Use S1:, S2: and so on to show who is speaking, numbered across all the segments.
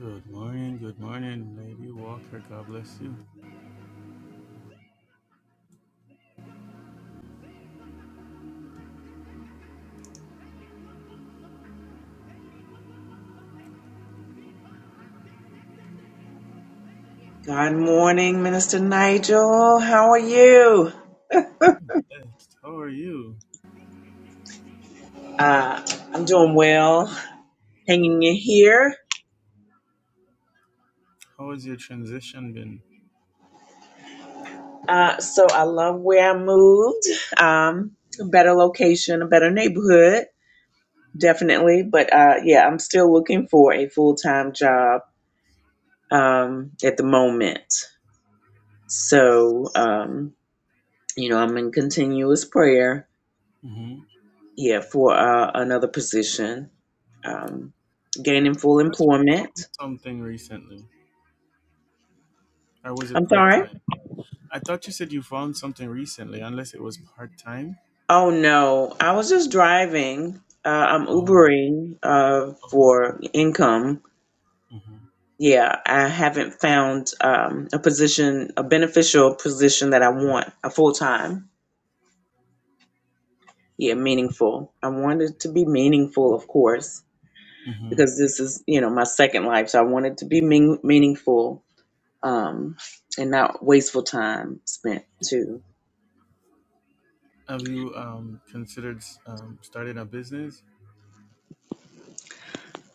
S1: Good morning, good morning, Lady Walker. God bless you.
S2: Good morning, Minister Nigel. How are you?
S1: I'm blessed. How are you?
S2: Uh, I'm doing well, hanging in here.
S1: How has your transition been?
S2: Uh, so I love where I moved. Um, a better location, a better neighborhood, definitely. But uh, yeah, I'm still looking for a full time job um, at the moment. So um, you know, I'm in continuous prayer.
S1: Mm-hmm.
S2: Yeah, for uh, another position, um, gaining full
S1: I thought you
S2: employment.
S1: found something recently, or was it
S2: I'm
S1: part
S2: sorry.
S1: time? I thought you said you found something recently, unless it was part time.
S2: Oh no, I was just driving. Uh, I'm
S1: Oh,
S2: Ubering uh,
S1: oh, okay.
S2: for income.
S1: Mm-hmm.
S2: Yeah, I haven't found um, a position, a beneficial position that I want, a full time. Yeah, meaningful. I want it to be meaningful, of course,
S1: Mm-hmm.
S2: because this is, you know, my second life. So I want it to be mean- meaningful um, and not wasteful time spent too.
S1: Have you um, considered um, starting a business?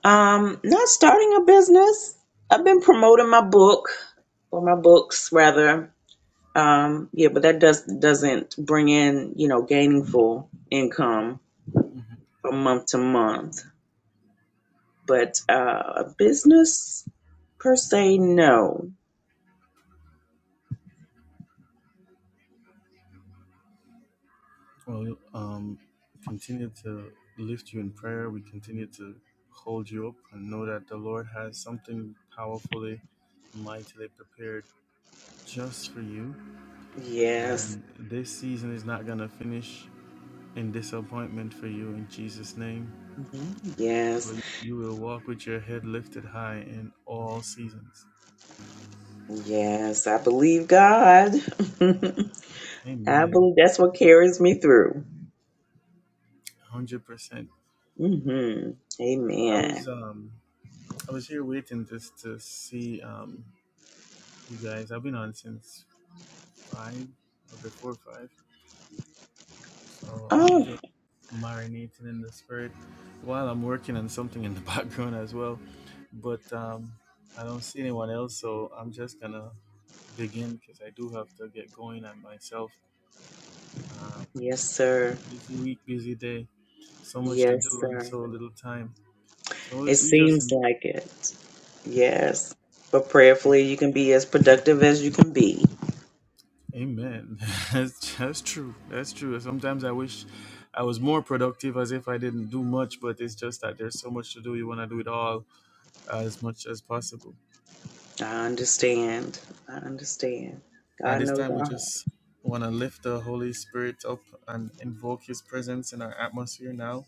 S2: Um, not starting a business. I've been promoting my book or my books rather Um, yeah, but that does doesn't bring in, you know, gainful income
S1: Mm-hmm.
S2: from month to month. But uh, a business per se, no.
S1: Well, um, continue to lift you in prayer. We continue to hold you up and know that the Lord has something powerfully, mightily prepared just for you.
S2: Yes,
S1: And this season is not going to finish in disappointment for you in Jesus' name.
S2: Mhm. yes,
S1: But you will walk with your head lifted high in all seasons.
S2: yes. I believe God. I
S1: Amen.
S2: believe that's what carries me through.
S1: 100%.
S2: hmm
S1: I was
S2: Amen.
S1: um I was here waiting just to see um you guys. I've been on since five or before five, so I'm
S2: Oh,
S1: just marinating in the spirit while I'm working on something in the background as well. But um, I don't see anyone else, so I'm just gonna begin because I do have to get going on myself. Um,
S2: yes, sir.
S1: busy week, busy day, so much to
S2: Yes,
S1: do in
S2: sir.
S1: so little time. So we
S2: It
S1: we just
S2: seems like it.
S1: yeah.
S2: Yes. But prayerfully, you can be as productive as you can be.
S1: Amen. That's, that's true. That's true. Sometimes I wish I was more productive as if I didn't do much, but it's just that there's so much to do. You want to do it all as much as possible.
S2: I understand. I understand.
S1: At
S2: God
S1: this
S2: knows
S1: time, we
S2: our heart.
S1: just want to lift the Holy Spirit up and invoke His presence in our atmosphere now.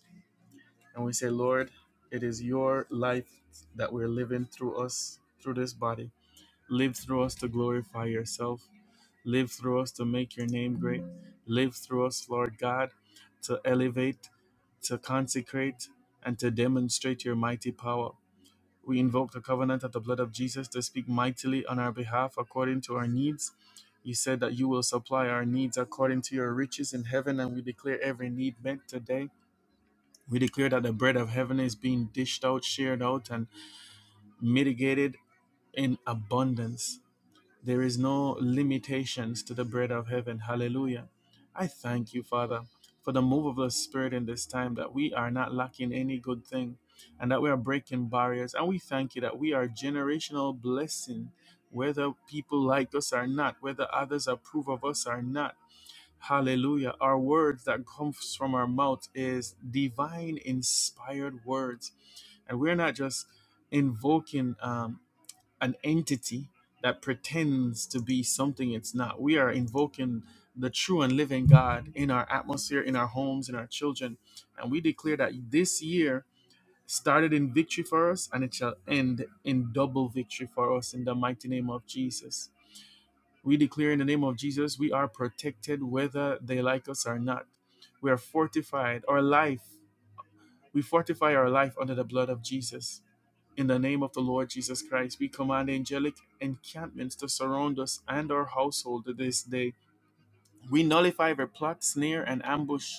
S1: And we say, Lord, it is your life that we're living through us, through this body. Live through us to glorify yourself. Live through us to make your name great. Live through us, Lord God, to elevate, to consecrate, and to demonstrate your mighty power. We invoke the covenant of the blood of Jesus to speak mightily on our behalf according to our needs. You said that you will supply our needs according to your riches in heaven, and we declare every need met today. We declare that the bread of heaven is being dished out, shared out, and mitigated in abundance. There is no limitations to the bread of heaven. Hallelujah. I thank you, Father, for the move of the Spirit in this time that we are not lacking any good thing and that we are breaking barriers. And we thank you that we are generational blessing, whether people like us or not, whether others approve of us or not. Hallelujah. Our words that comes from our mouth is divine inspired words. And we're not just invoking um, an entity that pretends to be something it's not. We are invoking the true and living God in our atmosphere, in our homes, in our children. And we declare that this year started in victory for us and it shall end in double victory for us in the mighty name of Jesus. We declare in the name of Jesus, we are protected whether they like us or not. We are fortified. Our life we fortify our life under the blood of Jesus. In the name of the Lord Jesus Christ, we command angelic encampments to surround us and our household this day. We nullify their plot, snare, and ambush,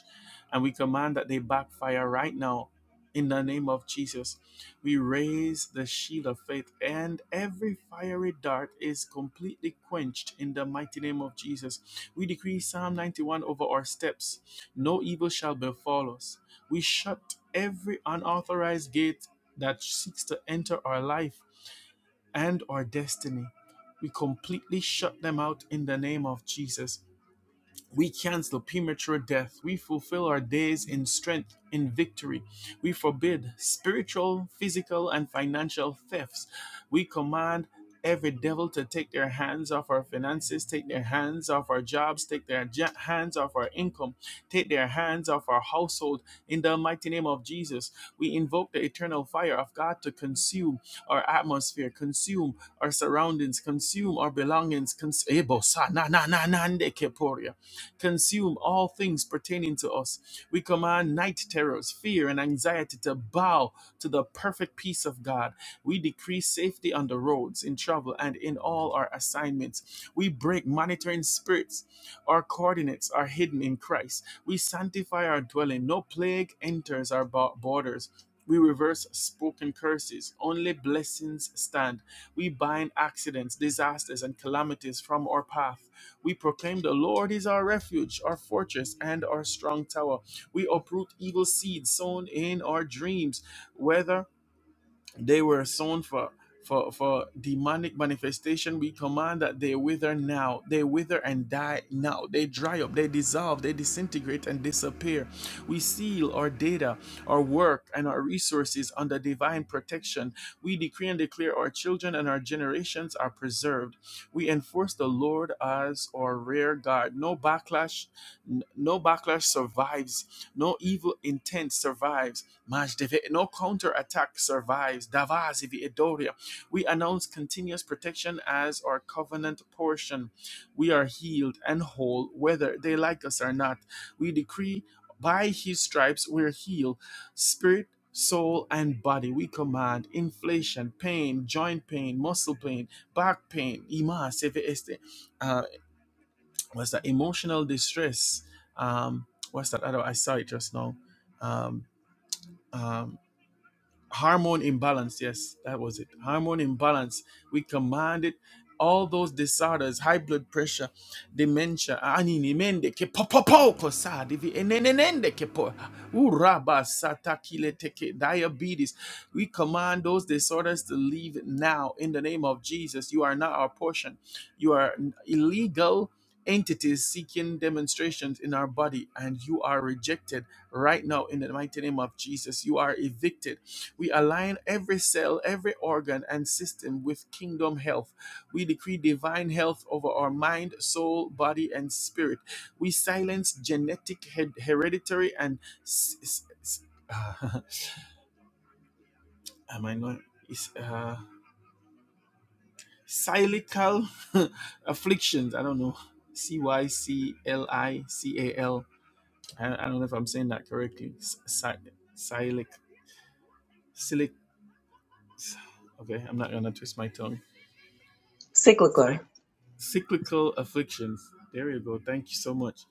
S1: and we command that they backfire right now in the name of Jesus. We raise the shield of faith, and every fiery dart is completely quenched in the mighty name of Jesus. We decree Psalm 91 over our steps no evil shall befall us. We shut every unauthorized gate that seeks to enter our life and our destiny. We completely shut them out in the name of Jesus. We cancel premature death. We fulfill our days in strength, in victory. We forbid spiritual, physical, and financial thefts. We command every devil to take their hands off our finances, take their hands off our jobs, take their ja- hands off our income, take their hands off our household. In the mighty name of Jesus, we invoke the eternal fire of God to consume our atmosphere, consume our surroundings, consume our belongings. Cons- Ebo sa na na na na nde keporia consume all things pertaining to us. We command night terrors, fear, and anxiety to bow to the perfect peace of God. We decree safety on the roads, in travel, and in all our assignments. We break monitoring spirits. Our coordinates are hidden in Christ. We sanctify our dwelling. No plague enters our bo- borders. We reverse spoken curses. Only blessings stand. We bind accidents, disasters, and calamities from our path. We proclaim the Lord is our refuge, our fortress, and our strong tower. We uproot evil seeds sown in our dreams, whether they were sown for for for demonic manifestation. We command that they wither now. They wither and die now. They dry up. They dissolve. They disintegrate and disappear. We seal our data, our work, and our resources under divine protection. We decree and declare our children and our generations are preserved. We enforce the Lord as our rear guard. No backlash, n- no backlash survives. No evil intent survives Majdeve, no counterattack survives. Davazivi Edoria. We announce continuous protection as our covenant portion. We are healed and whole, whether they like us or not. We decree by his stripes we're healed. Spirit, soul, and body. We command inflation, pain, joint pain, muscle pain, back pain, ima, seve este, uh, what's that? Emotional distress. Um, what's that other? I saw it just now. Um, um, hormone imbalance yes that was it hormone imbalance we command it all those disorders high blood pressure dementia anini mende ke popopo kosa divi enenenende ke po uraba satakile teke diabetes we command those disorders to leave now in the name of Jesus you are not our portion you are illegal entities seeking demonstrations in our body and you are rejected right now in the mighty name of Jesus you are evicted we align every cell, every organ and system with kingdom health. We decree divine health over our mind, soul, body, and spirit. We silence genetic, hered- hereditary, and s- s- s- uh, am I not? Is uh, silical afflictions. I don't know. C Y C L I C A L. I I don't know if I'm saying that correctly. S- si- Silic. Silic. Okay, I'm not gonna twist my tongue.
S2: Cyclical.
S1: cyclical afflictions. There you go. Thank you so much.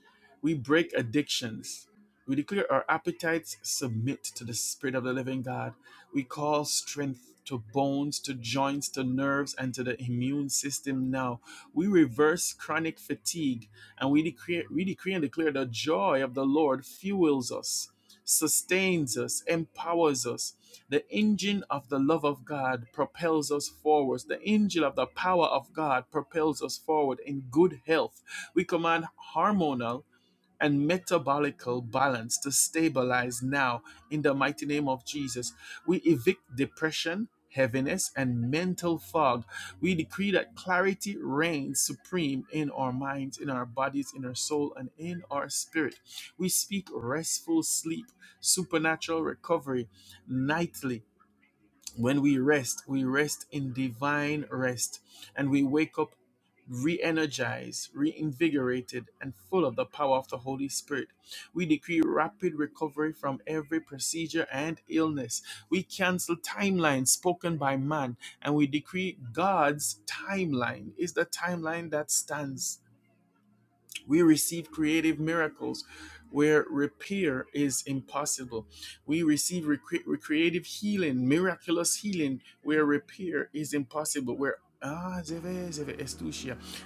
S1: We break addictions. We declare our appetites submit to the Spirit of the living God. We call strength to bones, to joints, to nerves, and to the immune system now. We reverse chronic fatigue and we decree, we decree and declare the joy of the Lord fuels us sustains us, empowers us. The engine of the love of God propels us forwards. The engine of the power of God propels us forward in good health. We command hormonal and metabolical balance to stabilize now in the mighty name of Jesus. We evict depression, heaviness, and mental fog. We decree that clarity reigns supreme in our minds, in our bodies, in our soul, and in our spirit. We speak restful sleep, supernatural recovery nightly when we rest, we rest in divine rest and we wake up re energized, reinvigorated, and full of the power of the Holy Spirit. We decree rapid recovery from every procedure and illness. We cancel timelines spoken by man and we decree God's timeline is the timeline that stands. We receive creative miracles where repair is impossible. We receive recre- creative healing, miraculous healing where repair is impossible. Where ah,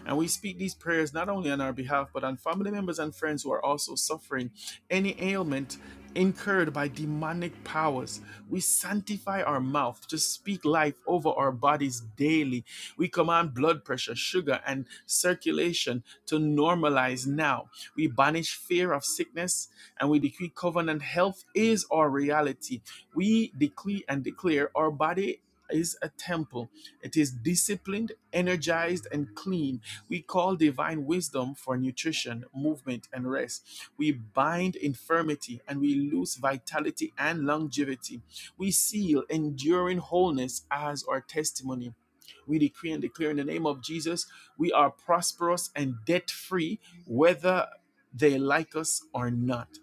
S1: and we speak these prayers not only on our behalf, but on family members and friends who are also suffering any ailment incurred by demonic powers. We sanctify our mouth to speak life over our bodies daily. We command blood pressure, sugar, and circulation to normalize now. We banish fear of sickness and we decree covenant health is our reality. We decree and declare our body. Is a temple. It is disciplined, energized, and clean we call divine wisdom for nutrition, movement, and rest. We bind infirmity and we lose vitality and longevity. We seal enduring wholeness as our testimony. We decree and declare in the name of Jesus, we are prosperous and debt free, whether they like us or not.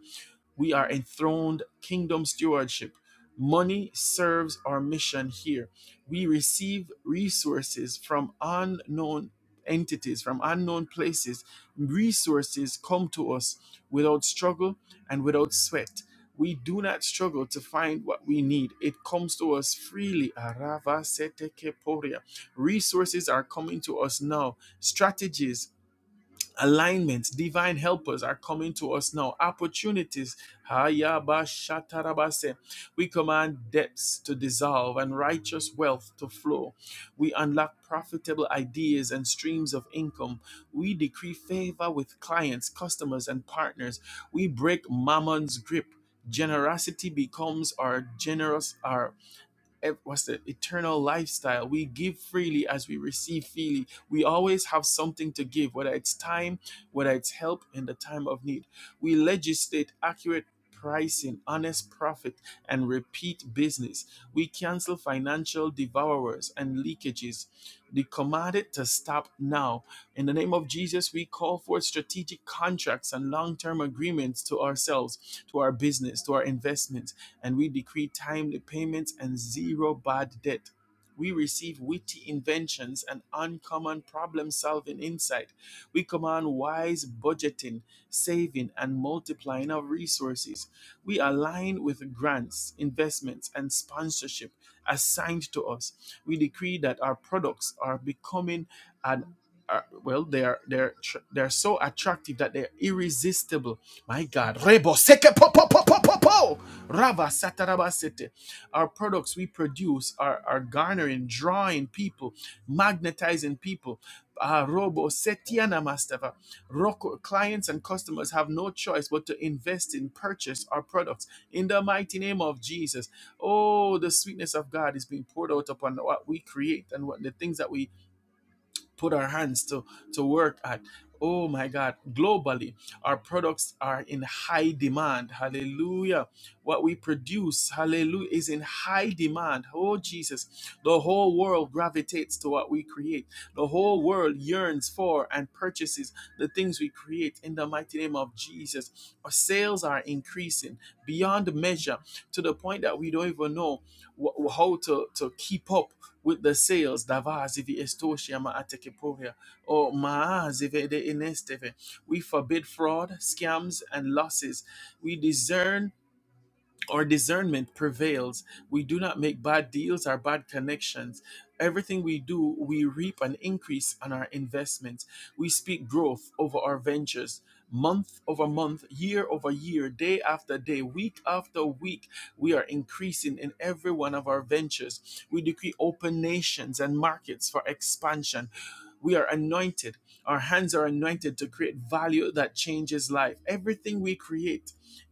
S1: We are enthroned kingdom stewardship. Money serves our mission here. We receive resources from unknown entities, from unknown places. Resources come to us without struggle and without sweat. We do not struggle to find what we need. It comes to us freely. Arava sete keporia. Resources are coming to us now. Strategies alignments, divine helpers are coming to us now. Opportunities. Hayabashatarabase. We command debts to dissolve and righteous wealth to flow. We unlock profitable ideas and streams of income. We decree favor with clients, customers, and partners. We break mammon's grip. Generosity becomes our generous our ev- what's the eternal lifestyle we give freely as we receive freely we always have something to give whether it's time whether it's help in the time of need we legislate accurate pricing, honest profit, and repeat business. We cancel financial devourers and leakages. They commanded to stop now. In the name of Jesus, we call for strategic contracts and long term agreements to ourselves, to our business, to our investments, and we decree timely payments and zero bad debt. We receive witty inventions and uncommon problem solving insight. We command wise budgeting, saving, and multiplying of resources. We align with grants, investments, and sponsorship assigned to us. We decree that our products are becoming an are, well, they are they're they're so attractive that they're irresistible. My God, Rebo seke po po po po po, Rava satarabasete. Our products we produce are, are garnering, drawing people, magnetizing people. Ah, robo setiana mastava. Roko- Clients and customers have no choice but to invest in purchase our products in the mighty name of Jesus. Oh, the sweetness of God is being poured out upon what we create and what the things that we put our hands to, to work at. Oh my God, globally, our products are in high demand. Hallelujah. What we produce, hallelujah, is in high demand. Oh Jesus, the whole world gravitates to what we create. The whole world yearns for and purchases the things we create in the mighty name of Jesus. Our sales are increasing beyond measure to the point that we don't even know wh- how to, to keep up with the sales davaz ivi estoshia ma atekeporia or maaz ivi de inesteve. We forbid fraud, scams, and losses. We discern our discernment prevails. We do not make bad deals or bad connections. Everything we do, we reap an increase on our investments. We speak growth over our ventures. Month over month, year over year, day after day, week after week, we are increasing in every one of our ventures. We decree open nations and markets for expansion. We are anointed. Our hands are anointed to create value that changes life. Everything we create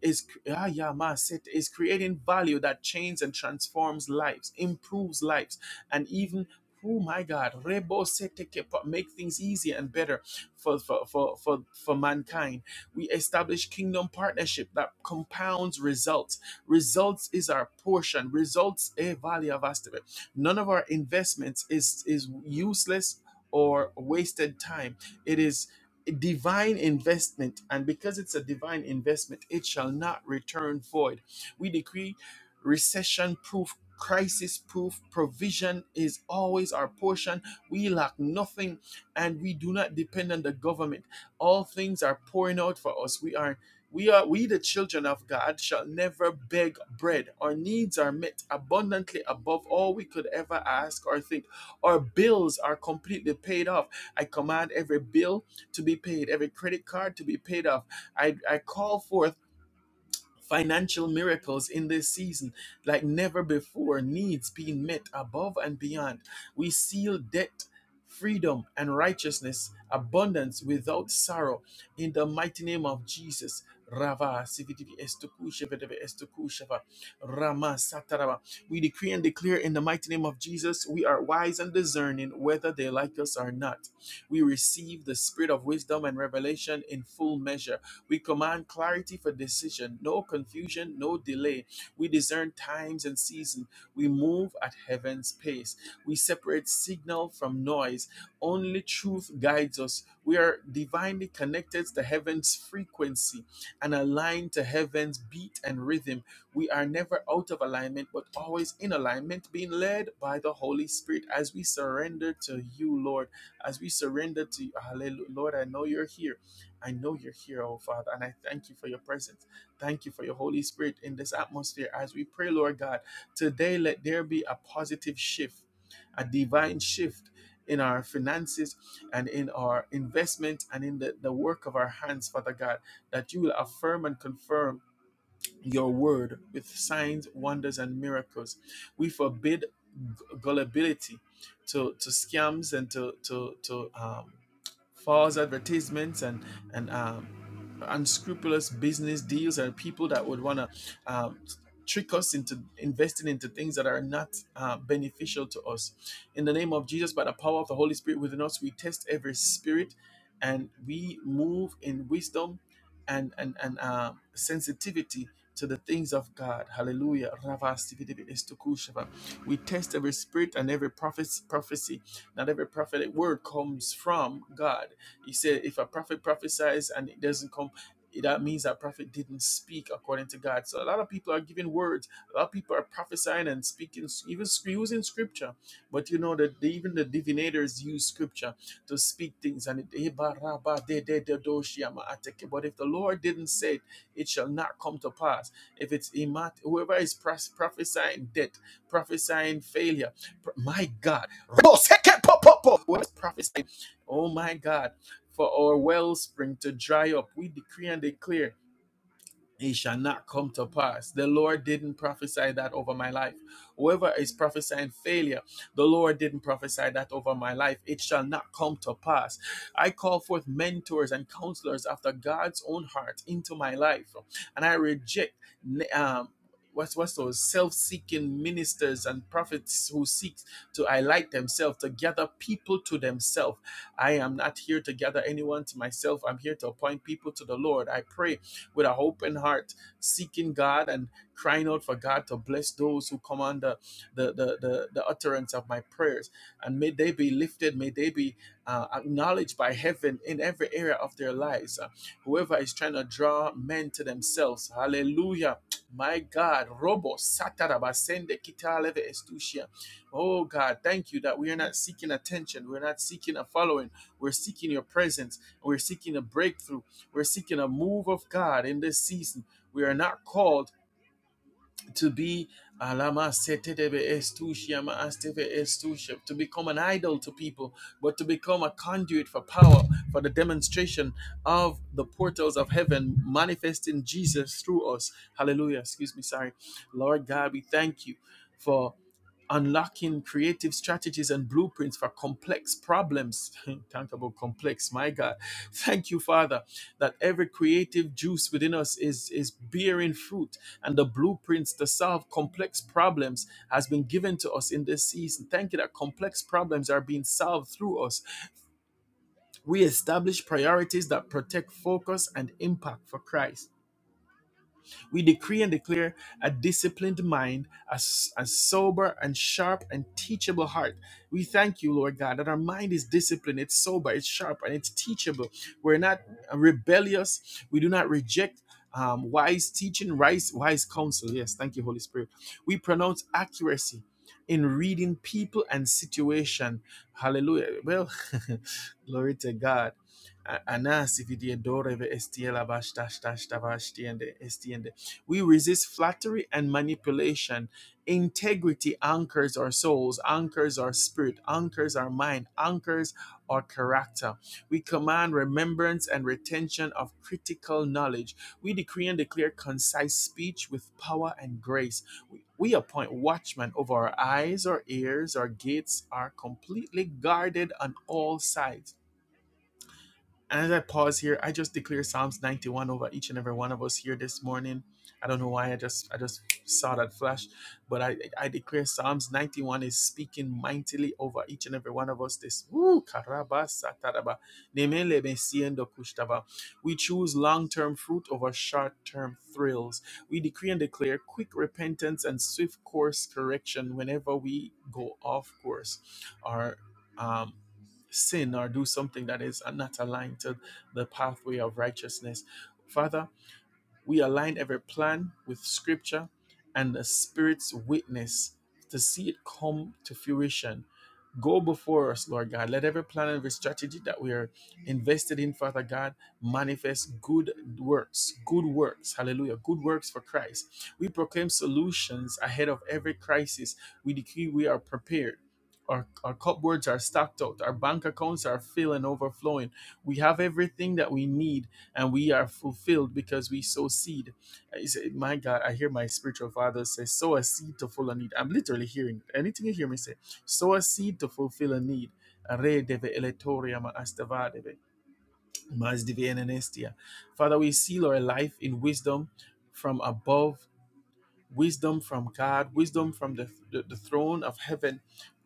S1: is ah, yeah, ma, set- is creating value that changes and transforms lives, improves lives, and even oh my God, rebo sete kepa- make things easier and better for for, for for for mankind. We establish kingdom partnership that compounds results. Results is our portion. Results eh, vale a value of us to it. None of our investments is is useless or wasted time. It is divine investment and because it's a divine investment it shall not return void we decree recession proof crisis proof provision is always our portion we lack nothing and we do not depend on the government all things are pouring out for us we are we are we the children of god shall never beg bread our needs are met abundantly above all we could ever ask or think our bills are completely paid off i command every bill to be paid, every credit card to be paid off. I, I call forth financial miracles in this season like never before, needs being met above and beyond. We seal debt, freedom, and righteousness, abundance without sorrow in the mighty name of Jesus. Rava sivididi estokusheva deve estokusheva, Rama satarava. We decree and declare in the mighty name of Jesus, we are wise and discerning whether they like us or not. We receive the spirit of wisdom and revelation in full measure we command clarity for decision, no confusion, no delay. We discern times and season. We move at heaven's pace. We separate signal from noise. Only truth guides us. We are divinely connected to heaven's frequency and aligned to heaven's beat and rhythm. We are never out of alignment, but always in alignment, being led by the Holy Spirit as we surrender to you, Lord. As we surrender to you, Hallelujah. Lord, I know you're here I know you're here, oh Father, and I thank you for your presence. Thank you for your Holy Spirit in this atmosphere as we pray, Lord God. Today, let there be a positive shift, a divine shift in our finances and in our investment and in the, the work of our hands, Father God, that you will affirm and confirm your word with signs, wonders, and miracles. We forbid gu- gullibility to, to scams and to, to, to um, false advertisements and, and um, unscrupulous business deals and people that would want to um, trick us into investing into things that are not uh, beneficial to us. In the name of Jesus, by the power of the Holy Spirit within us, we test every spirit and we move in wisdom and, and, and uh, sensitivity to the things of God. Hallelujah. We test every spirit and every prophecy. Not every prophetic word comes from God. He said, if a prophet prophesies and it doesn't come, that means that prophet didn't speak according to God. So a lot of people are giving words. A lot of people are prophesying and speaking, even using scripture. But you know that even the divinators use scripture to speak things. And it, but if the Lord didn't say it, it shall not come to pass. If it's immat, whoever is prophesying death, prophesying failure, my God, whoever's prophesying, oh my God, for our wellspring to dry up, we decree and declare it shall not come to pass. The Lord didn't prophesy that over my life. Whoever is prophesying failure, the Lord didn't prophesy that over my life. It shall not come to pass. I call forth mentors and counselors after God's own heart into my life, and I reject. Um, What's, what's those self-seeking ministers and prophets who seek to highlight themselves to gather people to themselves i am not here to gather anyone to myself i'm here to appoint people to the lord i pray with a open heart, seeking God and crying out for God to bless those who come under the, the, the, the utterance of my prayers. And may they be lifted, may they be uh, acknowledged by heaven in every area of their lives. Uh, whoever is trying to draw men to themselves, hallelujah. My God, Robo Satarabasende Kitaleve Estusia. Oh God, thank you that we are not seeking attention. We're not seeking a following. We're seeking your presence. We're seeking a breakthrough. We're seeking a move of God in this season. We are not called to be alama setedebe estushiyama asteve estushiyam, to become an idol to people, but to become a conduit for power, for the demonstration of the portals of heaven, manifesting Jesus through us. Hallelujah. Excuse me. Sorry. Lord God, we thank you for unlocking creative strategies and blueprints for complex problems. Talk about complex, my God. Thank you, Father, that every creative juice within us is, is bearing fruit, and the blueprints to solve complex problems has been given to us in this season. Thank you that complex problems are being solved through us. We establish priorities that protect focus and impact for Christ. We decree and declare a disciplined mind, a, s- a sober and sharp and teachable heart. We thank you, Lord God, that our mind is disciplined, it's sober, it's sharp, and it's teachable. We're not rebellious. We do not reject um, wise teaching, wise, wise counsel. Yes, thank you, Holy Spirit. We pronounce accuracy in reading people and situation. Hallelujah. Well, glory to God. A- Anas, if you did daughter, if it is still a bash, dash, dash, dash, dash, the end, we resist flattery and manipulation. Integrity anchors our souls, anchors our spirit, anchors our mind, anchors our character. We command remembrance and retention of critical knowledge. We decree and declare concise speech with power and grace. We, we appoint watchmen over our eyes, our ears, our gates are completely guarded on all sides. And as I pause here, I just declare Psalms 91 over each and every one of us here this morning. I don't know why I just I just saw that flash, but I I declare Psalms 91 is speaking mightily over each and every one of us this. Woo, karaba sataraba, nemele mesiendo kushtaba. We choose long-term fruit over short-term thrills. We decree and declare quick repentance and swift course correction whenever we go off course or um, sin or do something that is not aligned to the pathway of righteousness. Father, we align every plan with scripture and the Spirit's witness to see it come to fruition Go before us, Lord God. Let every plan and every strategy that we are invested in, Father God, manifest good works, good works. Hallelujah. Good works for Christ. We proclaim solutions ahead of every crisis. We decree we are prepared. Our, our cupboards are stocked out. Our bank accounts are filled and overflowing. We have everything that we need and we are fulfilled because we sow seed. I say, my God, I hear my spiritual father say, sow a seed to full on need. I'm literally hearing it. Anything you hear me say sow a seed to fulfill a need. Re deve eletoria ma astavadeve, mas diviene nestia. Father, we seal our life in wisdom from above wisdom from God, wisdom from the, the, the throne of heaven,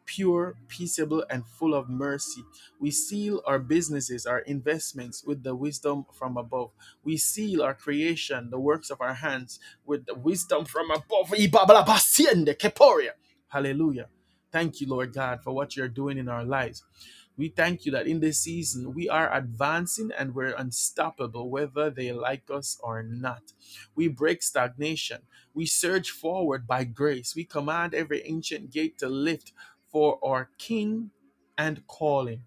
S1: pure, peaceable, and full of mercy. We seal our businesses, our investments with the wisdom from above. We seal our creation, the works of our hands, with the wisdom from above. Hallelujah. Thank you, Lord God, for what you're doing in our lives. We thank you that in this season we are advancing and we're unstoppable, whether they like us or not. We break stagnation. We surge forward by grace. We command every ancient gate to lift for our King and calling.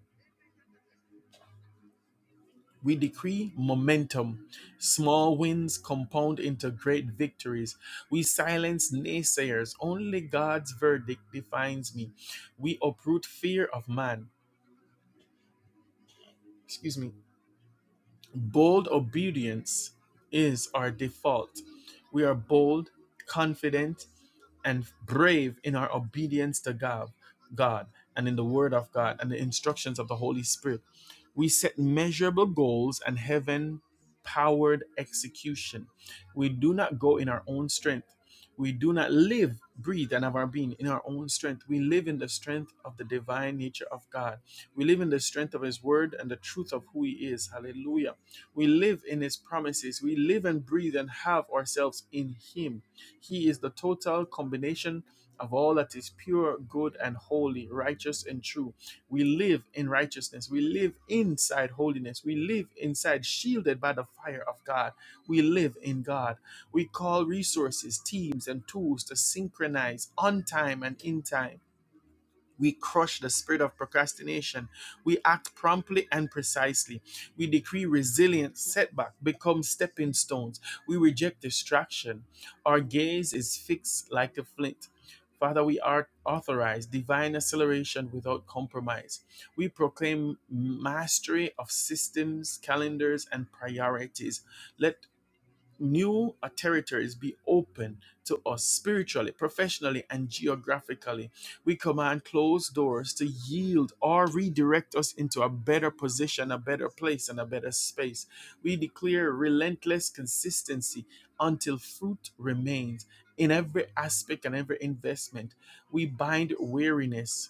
S1: We decree momentum. Small wins compound into great victories. We silence naysayers. Only God's verdict defines me. We uproot fear of man. Excuse me. Bold obedience is our default. We are bold, confident, and brave in our obedience to God, God and in the Word of God and the instructions of the Holy Spirit. We set measurable goals and heaven powered execution. We do not go in our own strength. We do not live, breathe, and have our being in our own strength. We live in the strength of the divine nature of God. We live in the strength of His word and the truth of who He is. Hallelujah. We live in His promises. We live and breathe and have ourselves in Him. He is the total combination of all that is pure, good, and holy, righteous, and true. We live in righteousness. We live inside holiness. We live inside, shielded by the fire of God. We live in God. We call resources, teams, and tools to synchronize on time and in time we crush the spirit of procrastination. We act promptly and precisely. We decree resilience, setback, become stepping stones. We reject distraction. Our gaze is fixed like a flint. Father, we are authorized divine acceleration without compromise. We proclaim mastery of systems, calendars, and priorities. Let new uh, territories be open to us spiritually, professionally, and geographically. We command closed doors to yield or redirect us into a better position, a better place, and a better space. We declare relentless consistency until fruit remains in every aspect and every investment. We bind weariness.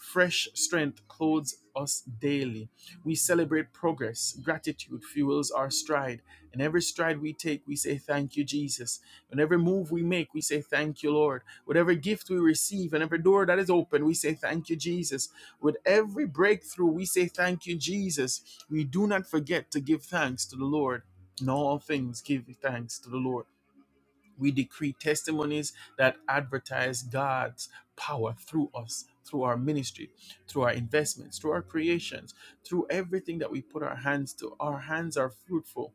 S1: Fresh strength clothes us daily. We celebrate progress. Gratitude fuels our stride in every stride we take, we say, Thank you, Jesus. In every move we make, we say, Thank you, Lord. With every gift we receive and every door that is open, we say, Thank you, Jesus. With every breakthrough, we say, Thank you, Jesus. We do not forget to give thanks to the Lord. In all things, give thanks to the Lord. We decree testimonies that advertise God's power through us, through our ministry, through our investments, through our creations, through everything that we put our hands to. Our hands are fruitful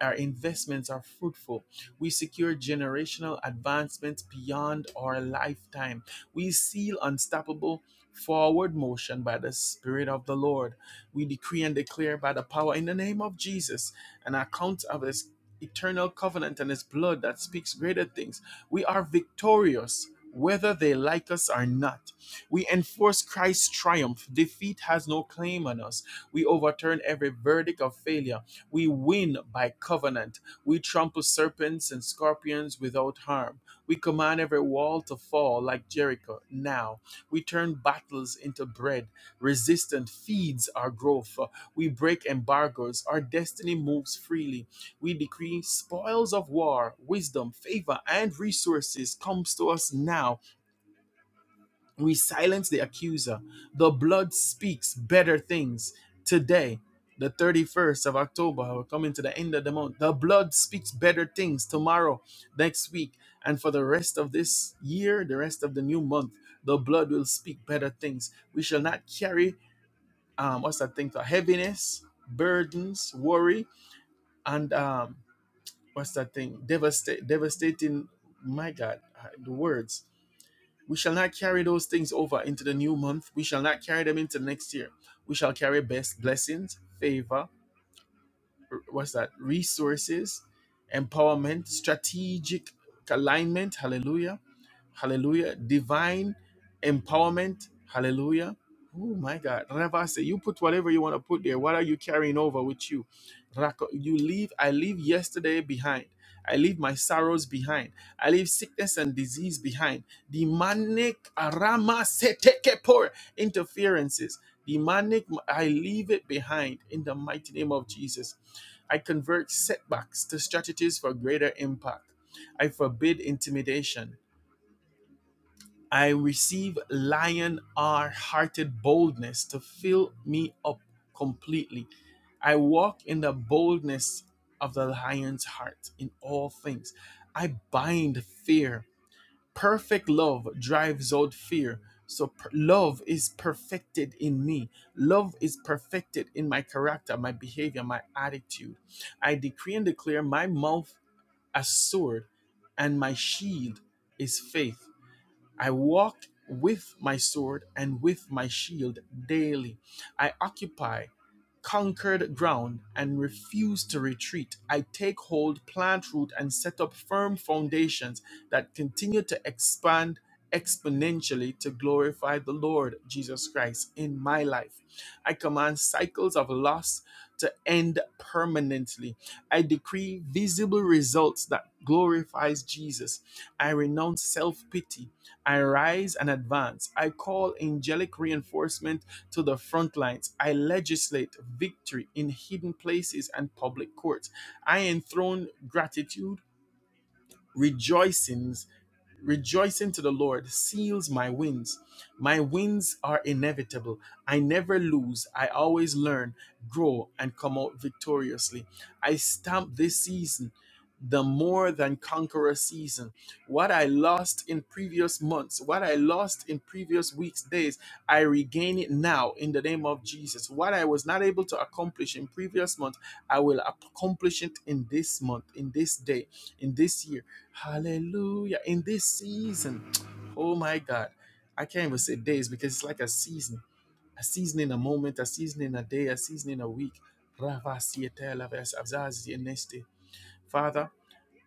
S1: our investments are fruitful. We secure generational advancements beyond our lifetime. We seal unstoppable forward motion by the Spirit of the Lord. We decree and declare by the power in the name of Jesus an account of His eternal covenant and His blood that speaks greater things. We are victorious. Whether they like us or not, we enforce Christ's triumph. Defeat has no claim on us. We overturn every verdict of failure we win by covenant. We trample serpents and scorpions without harm. We command every wall to fall like Jericho. Now we turn battles into bread. Resistance feeds our growth. We break embargoes. Our destiny moves freely. We decree spoils of war, wisdom, favor, and resources comes to us now we silence the accuser. The blood speaks better things today. The 31st of October, we're coming to the end of the month. The blood speaks better things tomorrow, next week, and for the rest of this year, the rest of the new month. The blood will speak better things. We shall not carry, um, what's that thing, called? heaviness, burdens, worry, and um, what's that thing, Devasta- devastating, my God, I- the words. We shall not carry those things over into the new month. We shall not carry them into next year. We shall carry best blessings, favor, r- what's that? Resources, empowerment, strategic alignment. Hallelujah Hallelujah. Divine empowerment. Hallelujah. Oh my God. Ravase, you put whatever you want to put there. What are you carrying over with you? Rako- You leave, I leave yesterday behind. I leave my sorrows behind. I leave sickness and disease behind. Demonic arama setekepor interferences. Demonic, I leave it behind in the mighty name of Jesus. I convert setbacks to strategies for greater impact. I forbid intimidation. I receive lion hearted boldness to fill me up completely. I walk in the boldness of the lion's heart in all things. I bind fear. Perfect love drives out fear. So per- love is perfected in me. Love is perfected in my character, my behavior, my attitude. I decree and declare my mouth a sword and my shield is faith. I walked with my sword and with my shield daily. I occupy conquered ground and refuse to retreat. I take hold, plant root, and set up firm foundations that continue to expand exponentially to glorify the Lord Jesus Christ in my life. I command cycles of loss to end permanently. I decree visible results that glorifies Jesus. I renounce self-pity I rise and advance. I call angelic reinforcement to the front lines. I legislate victory in hidden places and public courts. I enthrone gratitude, rejoicings Rejoicing to the Lord seals my wins. My wins are inevitable. I never lose. I always learn, grow, and come out victoriously. I stamp this season the more than conqueror season. What I lost in previous months, what I lost in previous weeks, days, I regain it now in the name of Jesus. What I was not able to accomplish in previous month, I will accomplish it in this month, in this day in this year. Hallelujah. In this season. Oh my God. I can't even say days because it's like a season. A season in a moment, a season in a day, a season in a week. Father,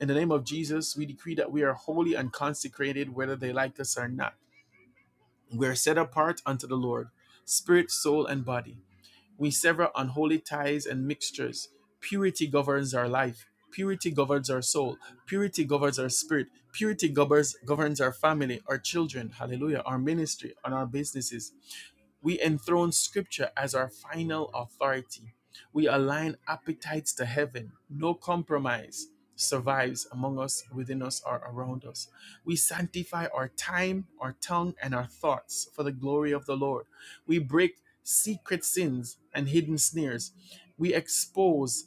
S1: in the name of Jesus, we decree that we are holy and consecrated whether they like us or not. We are set apart unto the Lord, spirit, soul, and body. We sever unholy ties and mixtures. Purity governs our life. Purity governs our soul. Purity governs our spirit. Purity governs, governs our family, our children, hallelujah, our ministry, and our businesses. We enthrone scripture as our final authority. We align appetites to heaven. No compromise survives among us, within us, or around us. We sanctify our time, our tongue, and our thoughts for the glory of the Lord. We break secret sins and hidden snares. We expose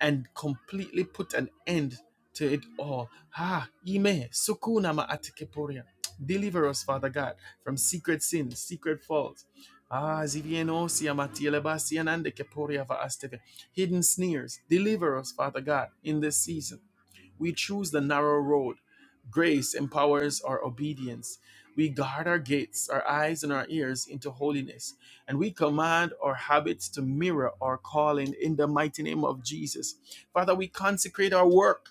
S1: and completely put an end to it all. Ha, ime, sukuna ma atikeporia. Deliver us, Father God, from secret sins, secret faults. Ah, zivienosia matielebasianande keporia va asteve. Hidden sneers. Deliver us, Father God, in this season. We choose the narrow road. Grace empowers our obedience. We guard our gates, our eyes, and our ears into holiness, and we command our habits to mirror our calling in the mighty name of Jesus. Father, we consecrate our work.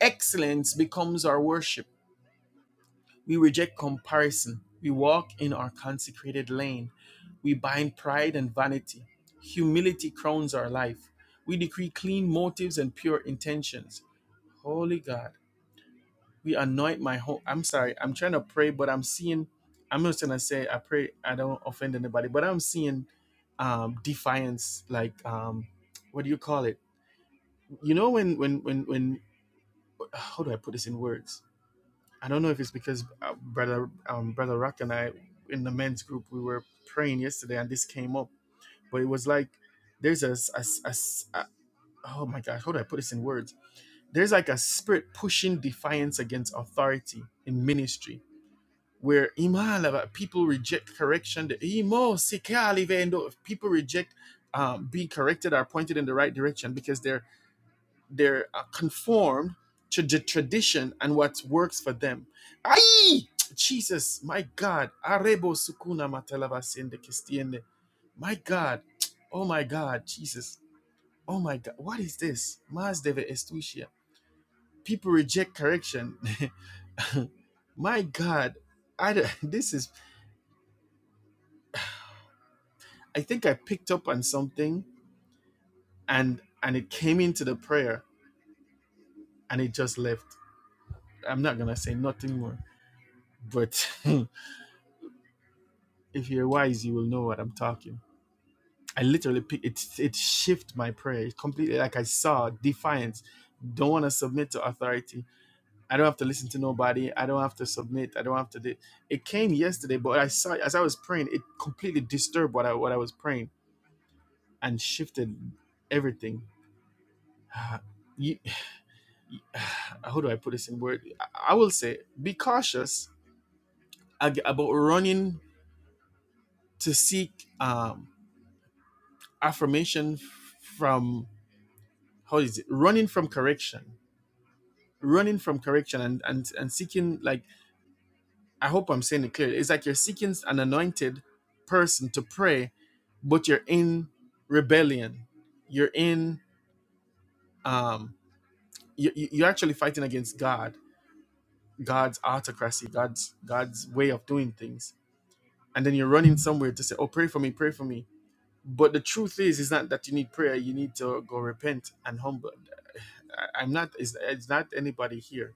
S1: Excellence becomes our worship. We reject comparison. We walk in our consecrated lane. We bind pride and vanity. Humility crowns our life. We decree clean motives and pure intentions. Holy God we anoint my home. I'm sorry, I'm trying to pray, but I'm seeing, I'm not trying to say, I pray I don't offend anybody, but I'm seeing um, defiance, like, um, what do you call it? You know, when, when, when, when, how do I put this in words? I don't know if it's because uh, brother, um, brother Rock and I in the men's group, we were praying yesterday and this came up, but it was like, there's a, s- a s- a s- a- oh my gosh, how do I put this in words? There's like a spirit pushing defiance against authority in ministry where people reject correction the imo sikali people reject um, being corrected or pointed in the right direction because they're they're uh, conformed to the tradition and what works for them Ay! jesus my god arebo sukuna matalaba sende kistiende my god oh my god jesus oh my god what is this mas deve estucia people reject correction my god I, this is I think I picked up on something and and it came into the prayer and it just left. I'm not gonna say nothing more, but if you're wise, you will know what I'm talking. I literally pick, it it shift my prayer completely. Like I saw defiance. Don't want to submit to authority. I don't have to listen to nobody. I don't have to submit. I don't have to. Do. It came yesterday, but I saw as I was praying, it completely disturbed what I what I was praying and shifted everything. You, how do I put this in word? I will say be cautious about running to seek um, affirmation from how is it? Running from correction, running from correction, and and and seeking like I hope I'm saying it clearly. It's like you're seeking an anointed person to pray, but you're in rebellion. You're in um, you- you're actually fighting against God, God's autocracy, God's God's way of doing things and then you're running somewhere to say, "Oh, pray for me, pray for me." But the truth is, it's not that you need prayer. You need to go repent and humble. I, I'm not. It's, it's not anybody here.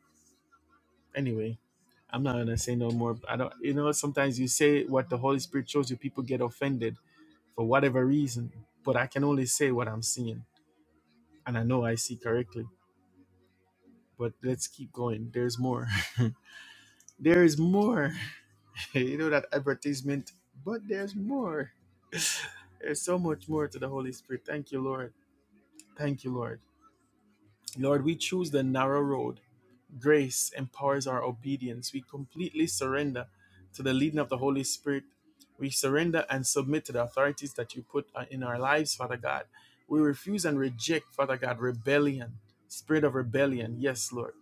S1: Anyway, I'm not gonna say no more. I don't. You know, sometimes you say what the Holy Spirit shows you. People get offended for whatever reason. But I can only say what I'm seeing, and I know I see correctly. But let's keep going. There's more. there is more. you know that advertisement. But there's more. There's so much more to the Holy Spirit. Thank you, Lord. Thank you, Lord. Lord, we choose the narrow road. Grace empowers our obedience. We completely surrender to the leading of the Holy Spirit. We surrender and submit to the authorities that you put uh, in our lives, Father God. We refuse and reject, Father God, rebellion, spirit of rebellion. Yes, Lord.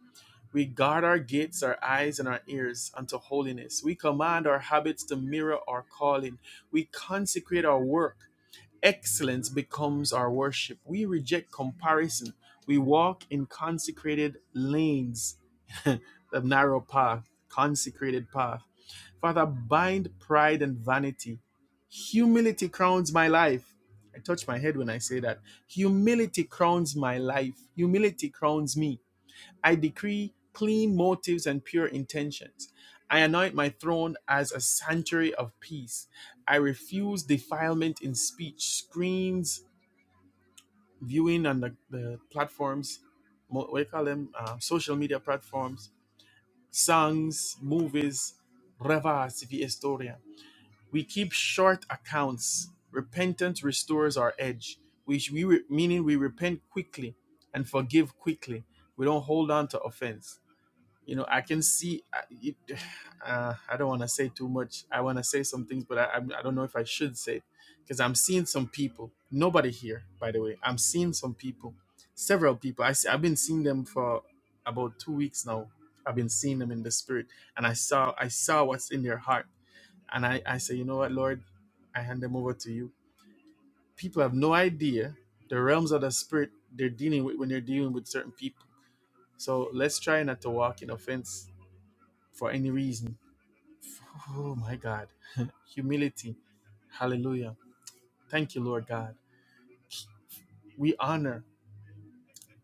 S1: We guard our gates, our eyes, and our ears unto holiness. We command our habits to mirror our calling. We consecrate our work Excellence becomes our worship. We reject comparison. We walk in consecrated lanes, the narrow path, consecrated path. Father, bind pride and vanity. Humility crowns my life. I touch my head when I say that. Humility crowns my life. Humility crowns me. I decree clean motives and pure intentions. I anoint my throne as a sanctuary of peace. I refuse defilement in speech, screens, viewing on the, the platforms, mo- what do you call them, uh, social media platforms, songs, movies, revas, vi historia. We keep short accounts. Repentance restores our edge, which we re- meaning we repent quickly and forgive quickly. We don't hold on to offense you know i can see I- it, uh, i don't want to say too much i want to say some things but I, I'm- I i do not know if i should say it because i'm seeing some people nobody here by the way i'm seeing some people several people I see, i've been seeing them for about two weeks now i've been seeing them in the spirit and i saw i saw what's in their heart and i i say you know what lord i hand them over to you people have no idea the realms of the spirit they're dealing with when they're dealing with certain people so let's try not to walk in offense for any reason. Oh my God. Humility. Hallelujah. Thank you, Lord God. We honor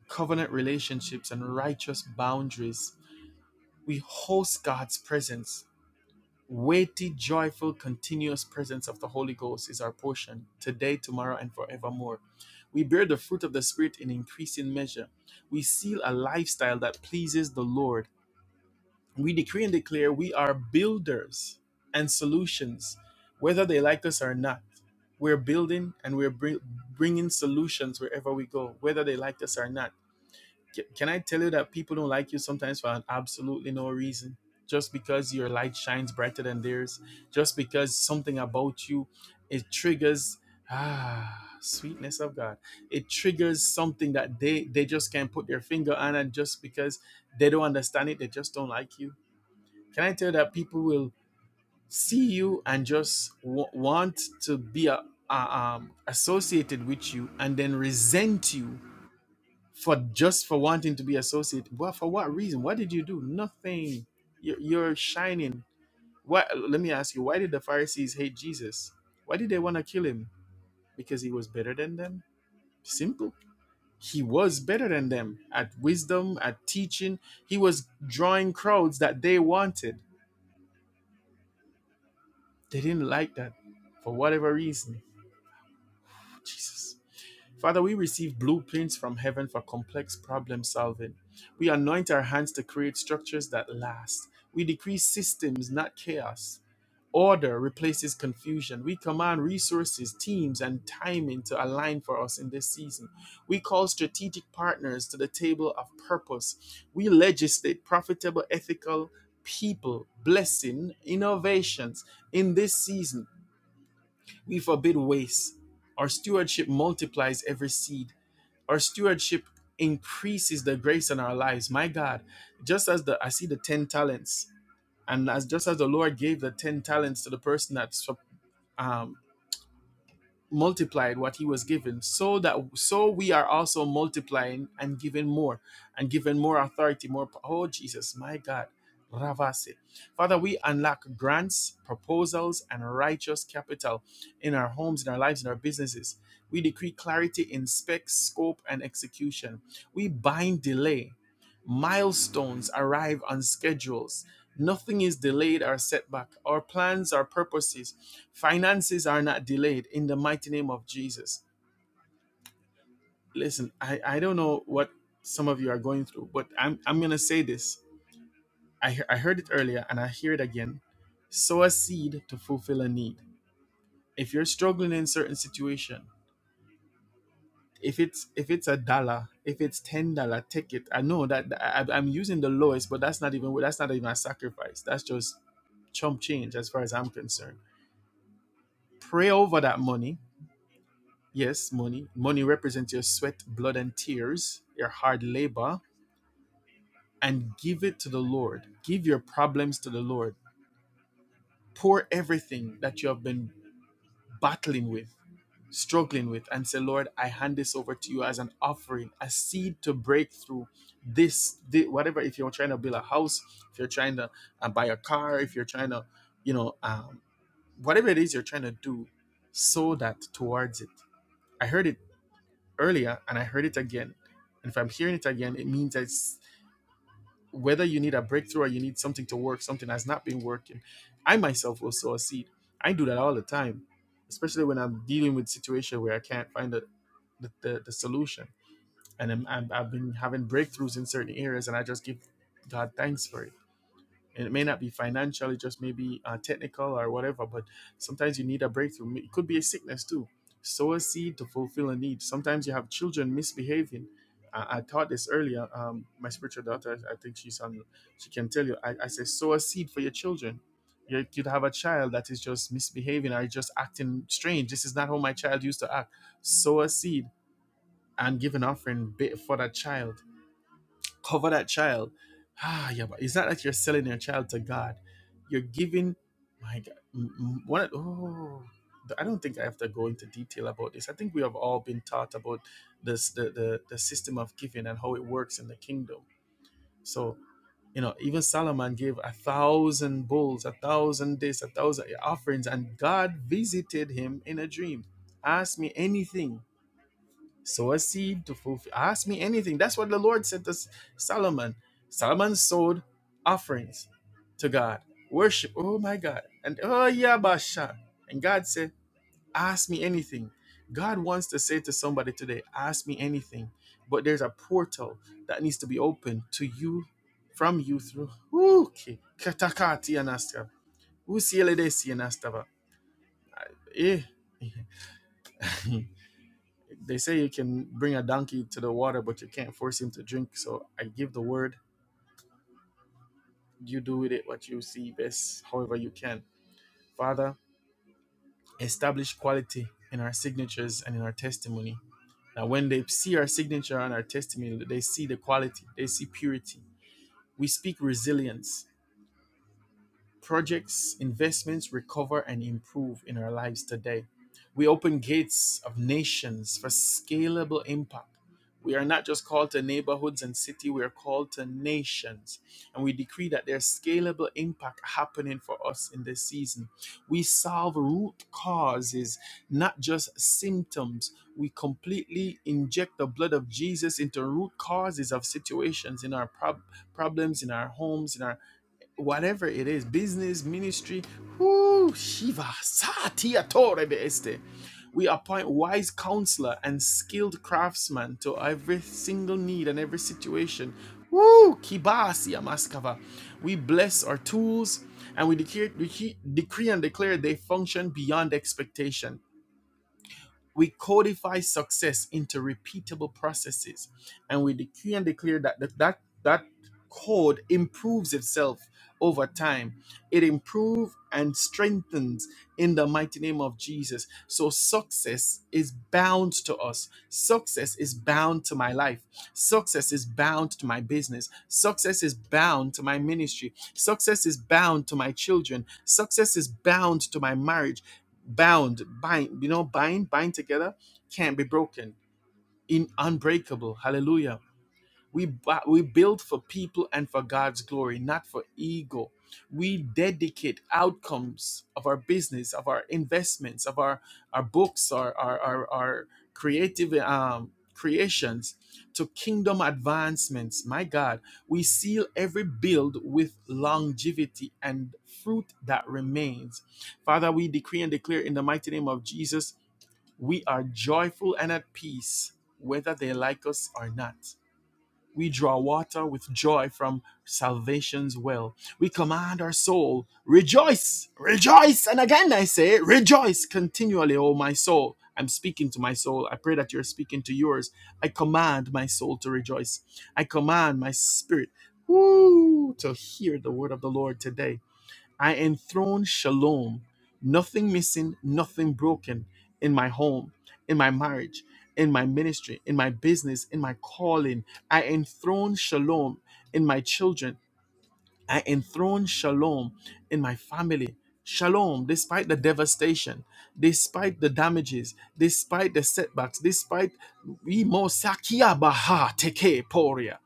S1: covenant relationships and righteous boundaries. We host God's presence. Weighty, joyful, continuous presence of the Holy Ghost is our portion today, tomorrow, and forevermore. We bear the fruit of the Spirit in increasing measure. We seal a lifestyle that pleases the Lord we decree and declare we are builders and solutions, whether they like us or not. We're building and we're bring, bringing solutions wherever we go, whether they like us or not. C- Can I tell you that people don't like you sometimes for an absolutely no reason? Just because your light shines brighter than theirs, just because something about you it triggers ah sweetness of God. It triggers something that they they just can't put their finger on, and just because they don't understand it, they just don't like you can I tell you that people will see you and just w- want to be a, a, um, associated with you and then resent you for just for wanting to be associated? Well, for what reason? What did you do? Nothing. You're, you're shining. What? Let me ask you. Why did the Pharisees hate Jesus? Why did they want to kill him? Because he was better than them. Simple. He was better than them at wisdom, at teaching. He was drawing crowds that they wanted They didn't like that for whatever reason. Jesus. Father, we receive blueprints from heaven for complex problem solving. We anoint our hands to create structures that last. We decree systems, not chaos. Order replaces confusion. We command resources, teams, and timing to align for us in this season. We call strategic partners to the table of purpose. We legislate profitable, ethical people, blessing, innovations in this season. We forbid waste. Our stewardship multiplies every seed. Our stewardship increases the grace in our lives. My God, just as the I see the ten talents, and as just as the Lord gave the ten talents to the person that's um, multiplied what he was given so that so we are also multiplying and giving more and given more authority more po- oh jesus my god Ravase. Father, we unlock grants, proposals, and righteous capital in our homes, in our lives, in our businesses. We decree clarity in specs, scope, and execution. We bind delay Milestones arrive on schedules. Nothing is delayed or set back. Our plans, our purposes, finances are not delayed in the mighty name of Jesus. Listen, I, I don't know what some of you are going through, but I'm, I'm going to say this. I, he- I heard it earlier and I hear it again. Sow a seed to fulfill a need. If you're struggling in a certain situation, if it's if it's a dollar if it's ten dollar take it i know that I, i'm using the lowest but that's not even that's not even a sacrifice that's just chump change as far as i'm concerned pray over that money yes money money represents your sweat blood and tears your hard labor and give it to the lord give your problems to the lord pour everything that you have been battling with, struggling with, and say, Lord, I hand this over to you as an offering, a seed to break through this, thi- whatever. If you're trying to build a house, if you're trying to uh, buy a car, if you're trying to, you know, um, whatever it is you're trying to do, sow that towards it. I heard it earlier and I heard it again. And if I'm hearing it again, it means that whether you need a breakthrough or you need something to work, something has not been working. I myself will sow a seed. I do that all the time, especially when I'm dealing with situation where I can't find the, the, the, the solution. And I'm, I'm, I've been having breakthroughs in certain areas, and I just give God thanks for it and it may not be financial it just may be uh, technical or whatever but sometimes you need a breakthrough it could be a sickness too sow a seed to fulfill a need sometimes you have children misbehaving i, I taught this earlier um, my spiritual daughter i think she's on she can tell you i, I say sow a seed for your children you could have a child that is just misbehaving or just acting strange this is not how my child used to act sow a seed and give an offering for that child cover that child. Ah, yeah, but it's not like you're selling your child to God. You're giving, my God, m- m- what? Oh, I don't think I have to go into detail about this. I think we have all been taught about this, the, the, the system of giving and how it works in the kingdom. So, you know, even Solomon gave a thousand bulls, a thousand this, a thousand offerings, and God visited him in a dream. Ask me anything sow a seed to fulfill. Ask me anything. That's what the Lord said to Solomon. Solomon sowed offerings to God, worship. Oh my God. And oh yeah, Basha. And God said, Ask me anything. God wants to say to somebody today, Ask me anything. But there's a portal that needs to be opened to you, from you through. Ooh, Okay. Katakati anastava. Usielede si anastava. Eh. They say you can bring a donkey to the water, but you can't force him to drink. So I give the word. You do with it what you see best, however you can. Father, establish quality in our signatures and in our testimony. Now, when they see our signature and our testimony, they see the quality, they see purity. We speak resilience. projects, investments recover and improve in our lives today. We open gates of nations for scalable impact. We are not just called to neighborhoods and city, we are called to nations. And we decree that there's scalable impact happening for us in this season. We solve root causes, not just symptoms. We completely inject the blood of Jesus into root causes of situations in our prob- problems, in our homes, in our whatever it is, business, ministry, whoo, Shiva, Satya Torebe Este. We appoint wise counselor and skilled craftsman to every single need and every situation. Woo! Kibasi Amaskava. We bless our tools and we decree decree and declare they function beyond expectation. We codify success into repeatable processes, and we decree and declare that that, that, that code improves itself over time. It improves and strengthens in the mighty name of Jesus. So success is bound to us. Success is bound to my life. Success is bound to my business. Success is bound to my ministry. Success is bound to my children. Success is bound to my marriage bound, bind, you know, bind, bind together, can't be broken, in unbreakable. Hallelujah. We, bu- we build for people and for God's glory, not for ego. We dedicate outcomes of our business, of our investments, of our, our books, our, our, our, our creative um, creations to kingdom advancements. My God, we seal every build with longevity and fruit that remains. Father, we decree and declare in the mighty name of Jesus, we are joyful and at peace, whether they like us or not. We draw water with joy from salvation's well. We command our soul, rejoice, rejoice. And again, I say, rejoice continually, O my soul. I'm speaking to my soul. I pray that you're speaking to yours. I command my soul to rejoice. I command my spirit woo, to hear the word of the Lord today. I enthrone shalom, nothing missing, nothing broken in my home, in my marriage, in my ministry, in my business, in my calling. I enthrone shalom in my children. I enthrone shalom in my family. Shalom, despite the devastation, despite the damages, despite the setbacks, despite we mo sakia baha teke poria.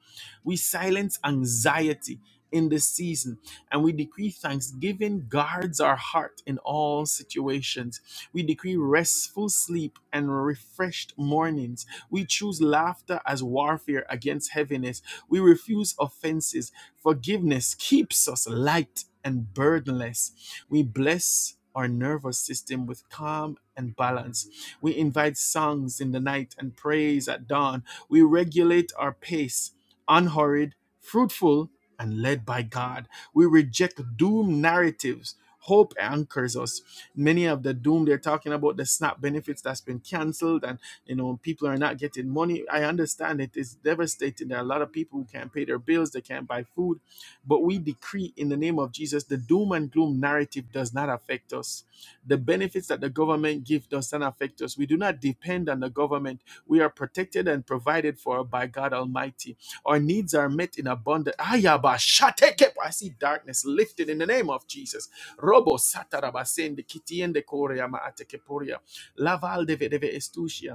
S1: We silence anxiety in this season and we decree thanksgiving guards our heart in all situations. We decree restful sleep and refreshed mornings. We choose laughter as warfare against heaviness. We refuse offenses. Forgiveness keeps us light and burdenless. We bless our nervous system with calm and balance. We invite songs in the night and praise at dawn. We regulate our pace unhurried, fruitful, and led by God. We reject doom narratives. Hope anchors us. Many of the doom they're talking about the SNAP benefits that's been canceled, and you know people are not getting money. I understand it is devastating. There are a lot of people who can't pay their bills, they can't buy food, but we decree in the name of Jesus the doom and gloom narrative does not affect us. The benefits that the government gives does not affect us. We do not depend on the government. We are protected and provided for by God Almighty our needs are met in abundance. Ayaba shatekep. I see darkness lifted in the name of Jesus. Robo satarabasende kitiende korea ma atekeporia. Laval deve deve estusia.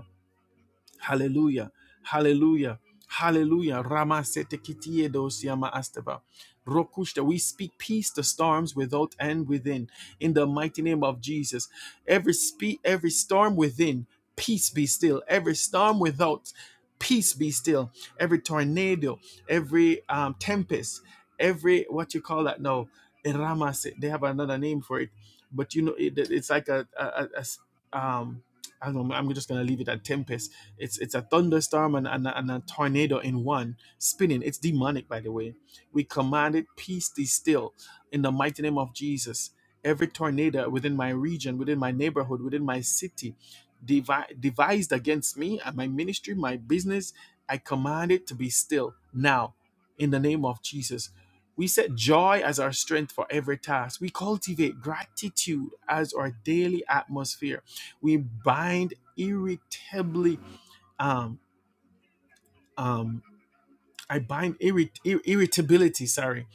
S1: Hallelujah. Hallelujah. Hallelujah. Rama sete kitie dosiama asteva. Rokushta, we speak peace to storms without and within. In the mighty name of Jesus. Every spe- every storm within, peace be still. Every storm without, peace be still. Every tornado, every um, tempest, every what you call that now. in Rama se- they have another name for it. But you know, it, it's like a, a, a- a s- um, I don't know, I'm just gonna leave it at tempest it's it's a thunderstorm and, and, a- and a tornado in one spinning. It's demonic, by the way. We commanded peace be still in the mighty name of Jesus. Every tornado within my region, within my neighborhood, within my city, devi- devised against me and my ministry, my business, I command it to be still now in the name of Jesus. We set joy as our strength for every task. We cultivate gratitude as our daily atmosphere. We bind irritably um um i bind irrit- ir- irritability sorry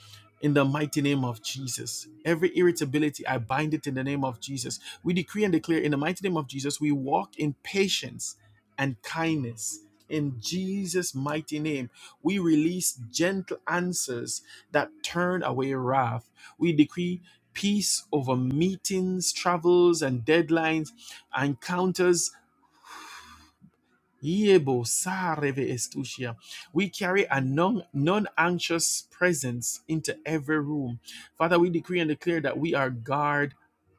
S1: in the mighty name of Jesus. Every irritability, I bind it in the name of Jesus. We decree and declare in the mighty name of Jesus, we walk in patience and kindness. In Jesus' mighty name, we release gentle answers that turn away wrath. We decree peace over meetings, travels, and deadlines, encounters Yebo sareve estusia. We carry a non anxious presence into every room. Father, we decree and declare that we are guard,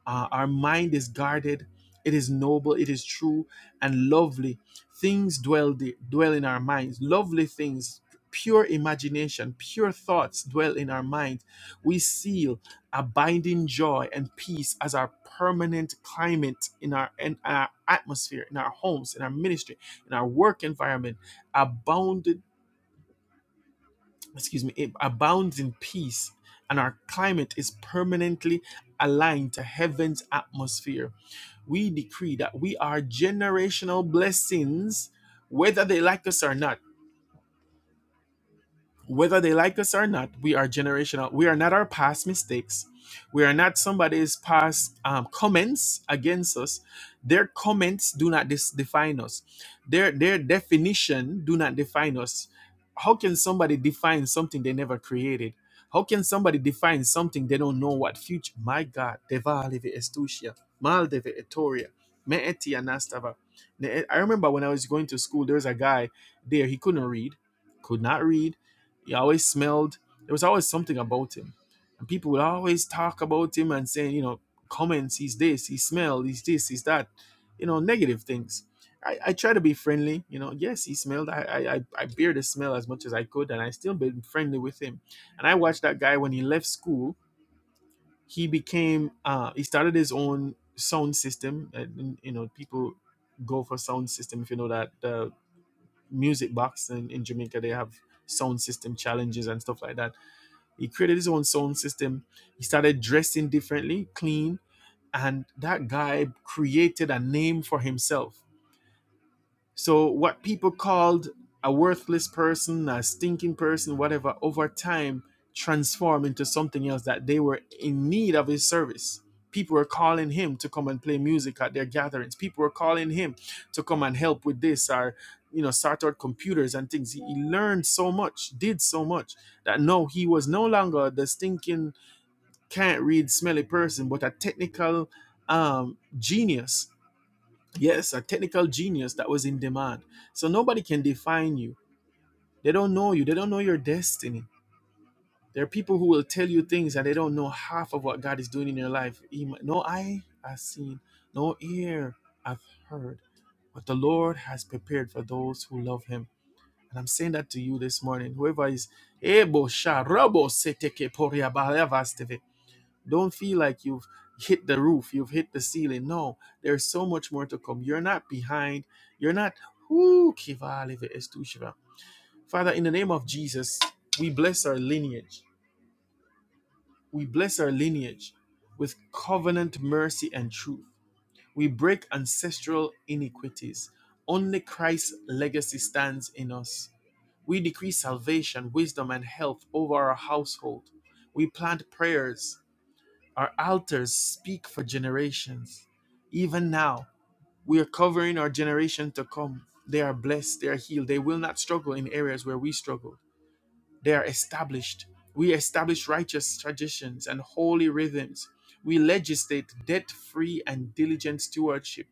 S1: uh, our mind is guarded, it is noble, it is true and lovely. Things dwell, the, dwell in our minds, lovely things. Pure imagination, pure thoughts dwell in our mind. We seal abiding joy and peace as our permanent climate in our, in our atmosphere, in our homes, in our ministry in our work environment abounded excuse me it abounds in peace and our climate is permanently aligned to heaven's atmosphere we decree that we are generational blessings whether they like us or not whether they like us or not, we are generational. We are not our past mistakes. We are not somebody's past um, comments against us. Their comments do not dis- define us. Their their definition do not define us. How can somebody define something they never created? How can somebody define something they don't know what future? My God, Devaleve Estusia, Maldeve Etoria, Me Etia Nastava. Ne- I remember when I was going to school, there was a guy there, he couldn't read, could not read he always smelled. There was always something about him, and people would always talk about him and say, you know, comments. He's this. He smelled. He's this. He's that. You know, negative things. I, I try to be friendly. You know, yes, he smelled. I I I I bear the smell as much as I could, and I still been friendly with him. And I watched that guy when he left school. He became. Uh, he started his own sound system. And, you know, people go for sound system if you know that the music box in, in Jamaica they have sound system challenges and stuff like that he created his own sound system. He started dressing differently, clean, and that guy created a name for himself. So, what people called a worthless person, a stinking person, whatever, over time transformed into something else that they were in need of his service. People were calling him to come and play music at their gatherings. People were calling him to come and help with this or, you know, start out computers and things. He he learned so much, did so much that no, he was no longer the stinking can't read smelly person, but a technical um, genius. Yes, a technical genius that was in demand. So nobody can define you. They don't know you. They don't know your destiny. There are people who will tell you things and they don't know half of what God is doing in your life. He No eye has seen, no ear hath heard, but the Lord has prepared for those who love Him. And I'm saying that to you this morning. Whoever is able, sha- seteke, poria, barava, don't feel like you've hit the roof, you've hit the ceiling. No, there's so much more to come. You're not behind. You're not. Woo, kivale ve estushiva. Father, in the name of Jesus, we bless our lineage. We bless our lineage with covenant mercy and truth. We break ancestral iniquities. Only Christ's legacy stands in us. We decree salvation, wisdom, and health over our household. We plant prayers our altars speak for generations. Even now, we are covering our generation to come. They are blessed, they are healed, they will not struggle in areas where we struggled. They are established. We establish righteous traditions and holy rhythms. We legislate debt free and diligent stewardship.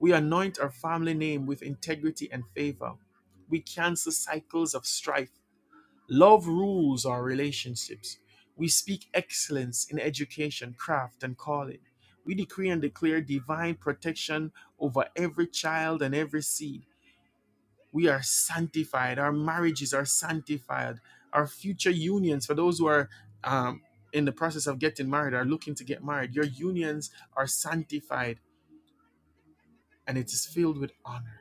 S1: We anoint our family name with integrity and favor. We cancel cycles of strife. Love rules our relationships. We speak excellence in education, craft, and calling. We decree and declare divine protection over every child and every seed. We are sanctified. Our marriages are sanctified. Our future unions, for those who are um, in the process of getting married, are looking to get married, your unions are sanctified and it is filled with honor.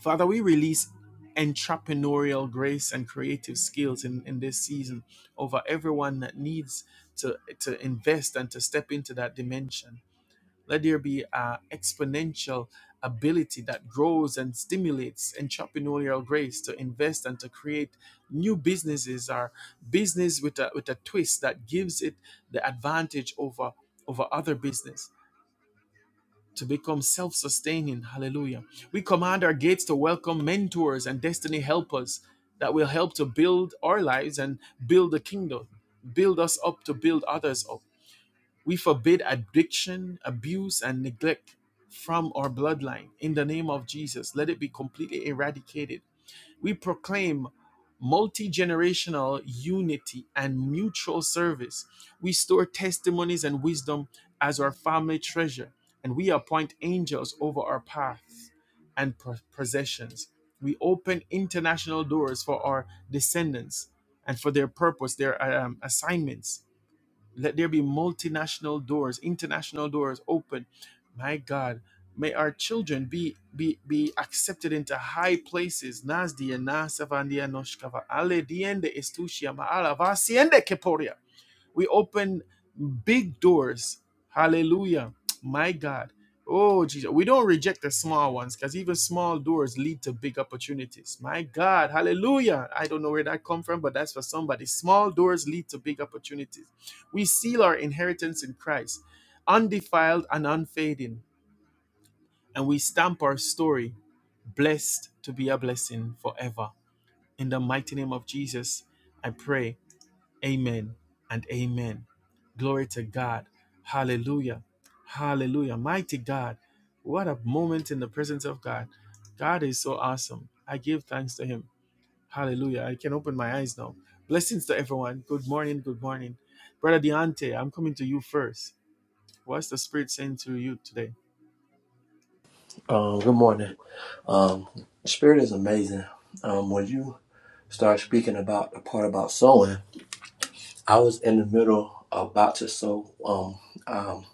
S1: Father, we release entrepreneurial grace and creative skills in, in this season over everyone that needs to, to invest and to step into that dimension. Let there be an exponential ability that grows and stimulates entrepreneurial grace to invest and to create new businesses or business with a, with a twist that gives it the advantage over, over other business to become self sustaining. Hallelujah. We command our gates to welcome mentors and destiny helpers that will help to build our lives and build the kingdom, build us up to build others up. We forbid addiction, abuse, and neglect from our bloodline in the name of Jesus. Let it be completely eradicated we proclaim multi generational unity and mutual service. We store testimonies and wisdom as our family treasure, and we appoint angels over our paths and pro- possessions. We open international doors for our descendants and for their purpose, their um, assignments let there be multinational doors, international doors open. My God, may our children be be be accepted into high places. Nas dia nasavandia noshkava ale diende estushia maala vasiende keporia. We open big doors. Hallelujah. My God. Oh, Jesus. We don't reject the small ones because even small doors lead to big opportunities. My God. Hallelujah. I don't know where that come from, but that's for somebody. Small doors lead to big opportunities. We seal our inheritance in Christ, undefiled and unfading, and we stamp our story, blessed to be a blessing forever. In the mighty name of Jesus, I pray. Amen and amen. Glory to God. Hallelujah. Hallelujah. Mighty God. What a moment in the presence of God. God is so awesome. I give thanks to Him. Hallelujah. I can open my eyes now. Blessings to everyone. Good morning. Good morning. Brother Deante, I'm coming to you first. What's the Spirit saying to you today?
S3: Um, good morning. Um, Spirit is amazing. Um, when you start speaking about the part about sowing, I was in the middle about to sow. Um, um,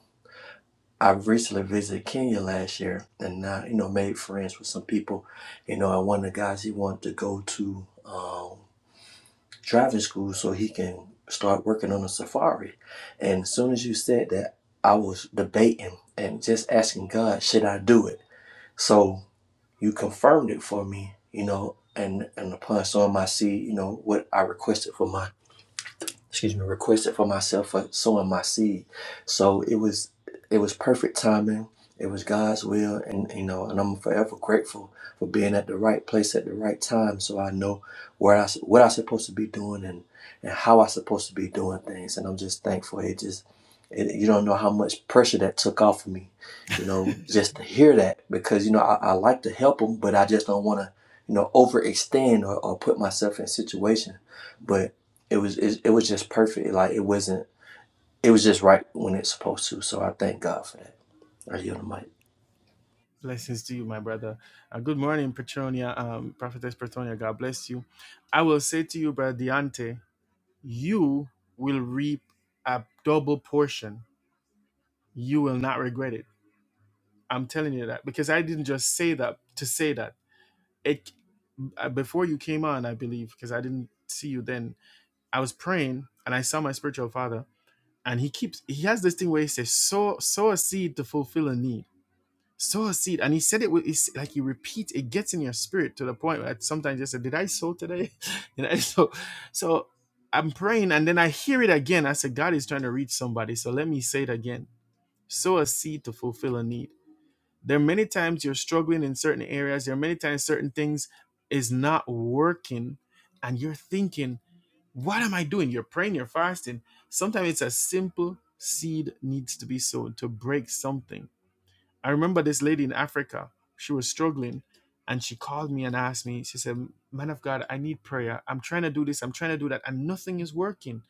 S3: I recently visited Kenya last year, and I, you know, made friends with some people. You know, and one of the guys he wanted to go to um, driving school so he can start working on a safari. And as soon as you said that, I was debating and just asking God, should I do it? So you confirmed it for me, you know, and and upon sowing my seed, you know, what I requested for my excuse me, requested for myself for sowing my seed. So it was it was perfect timing. It was God's will, and you know, and I'm forever grateful for being at the right place at the right time. So I know where I what I'm supposed to be doing and and how I'm supposed to be doing things. And I'm just thankful. It just it, you don't know how much pressure that took off of me, you know, just to hear that because you know I, I like to help them, but I just don't want to you know overextend or, or put myself in situations. It was it, it was just perfect. Like it wasn't. It was just right when it's supposed to. So I thank God for that. Are you on the mic?
S1: Blessings to you, my brother. Uh, good morning, Petronia, um, Prophetess Petronia. God bless you. I will say to you, Brother Deante. you will reap a double portion. You will not regret it. I'm telling you that because I didn't just say that to say that. It uh, before you came on, I believe, because I didn't see you then. I was praying and I saw my spiritual father, and he keeps he has this thing where he says, "Sow sow a seed to fulfill a need." sow a seed and he said it with it's like you repeat it gets in your spirit to the point where sometimes you say did i sow today you know so so i'm praying and then i hear it again i said god is trying to reach somebody so let me say it again sow a seed to fulfill a need there are many times you're struggling in certain areas there are many times certain things is not working and you're thinking what am i doing you're praying you're fasting sometimes it's a simple seed needs to be sown to break something I remember this lady in Africa. She was struggling and she called me and asked me, she said, Man of God, I need prayer. I'm trying to do this, I'm trying to do that, and nothing is working.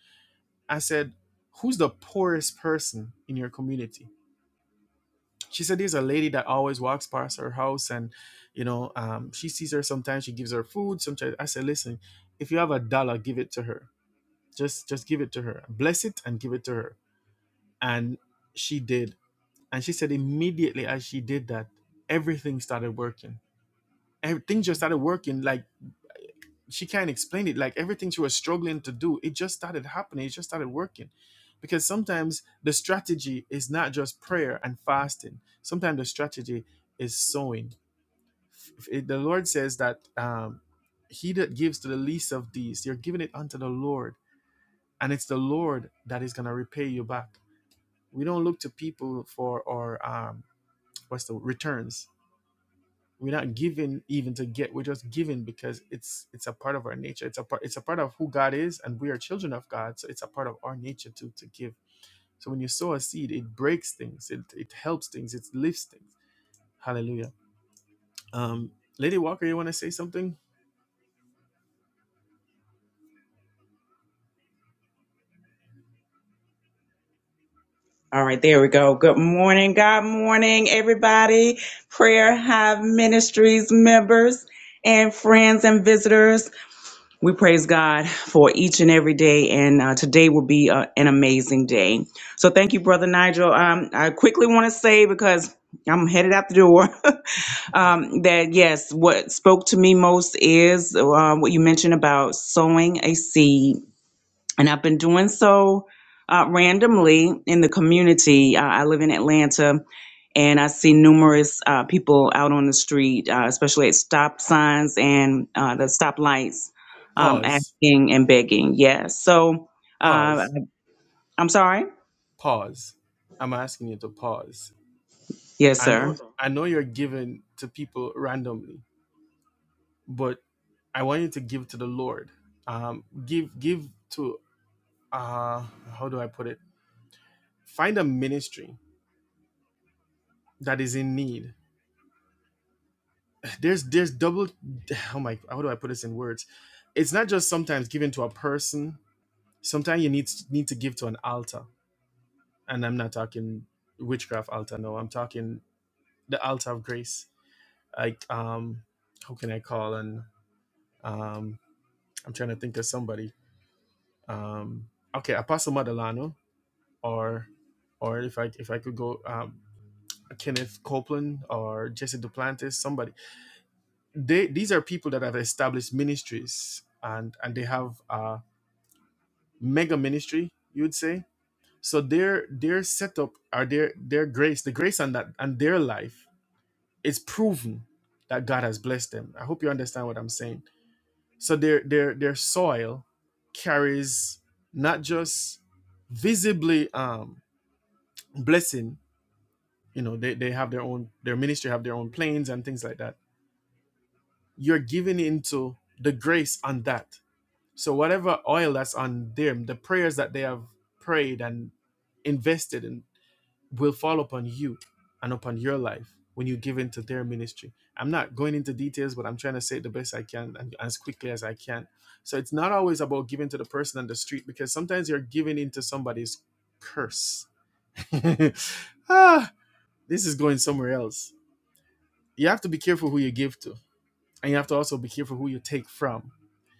S1: I said, Who's the poorest person in your community? She said, There's a lady that always walks past her house and, you know, um, she sees her sometimes, she gives her food. Sometimes I said, Listen, if you have a dollar, give it to her. Just just give it to her. Bless it and give it to her. And she did. And she said immediately as she did that, everything started working everything just started working like she can't explain it like everything she was struggling to do it just started happening it just started working because sometimes the strategy is not just prayer and fasting sometimes the strategy is sowing it- the lord says that um, he that gives to the least of these you're giving it unto the lord and it's the lord that is going to repay you back we don't look to people for our um, what's the returns We're not given even to get. We're just given because it's it's a part of our nature. It's a part it's a part of who God is, and we are children of God. So it's a part of our nature to to give. So when you sow a seed, it breaks things. It it helps things. It lifts things. Hallelujah. Um, Lady Walker, you want to say something?
S2: All right, there we go. Good morning. God morning, everybody. Prayer Hive Ministries members and friends and visitors. We praise God for each and every day, and uh, today will be uh, an amazing day. So, thank you, Brother Nigel. Um, I quickly want to say because I'm headed out the door um, that yes, what spoke to me most is uh, what you mentioned about sowing a seed and I've been doing so uh, randomly in the community. Uh, I live in Atlanta, and I see numerous uh, people out on the street, uh, especially at stop signs and uh, the stop lights, um,
S1: Pause.
S2: asking and begging. Yes. So uh,
S1: Pause.
S2: I'm sorry.
S1: pause. I'm asking you to pause.
S2: Yes,
S1: I know
S2: sir.
S1: I know you're giving to people randomly, but I want you to give to the Lord. Um, give give to uh how do I put it? Find a ministry that is in need. There's there's double oh my how do I put this in words? It's not just sometimes giving to a person. Sometimes you need need to give to an altar, and I'm not talking witchcraft altar. No, I'm talking the altar of grace. Like um, how can I call and Um, I'm trying to think of somebody. Um, okay, Apostle Madalano, or or if I if I could go um, Kenneth Copeland or Jesse Duplantis, somebody. They these are people that have established ministries and and they have a mega ministry, you would say. So their their setup or their their grace, the grace on that and their life, it's proven that God has blessed them. I hope you understand what I'm saying So their their their soil carries not just visibly um, blessing. You know, they, they have their own their ministry have their own planes and things like that. You're giving into the grace on that. So whatever oil that's on them, the prayers that they have prayed and invested in, will fall upon you and upon your life when you give into their ministry. I'm not going into details, but I'm trying to say it the best I can and as quickly as I can. So it's not always about giving to the person on the street because sometimes you're giving into somebody's curse. ah, this is going somewhere else. You have to be careful who you give to, and you have to also be careful who you take from.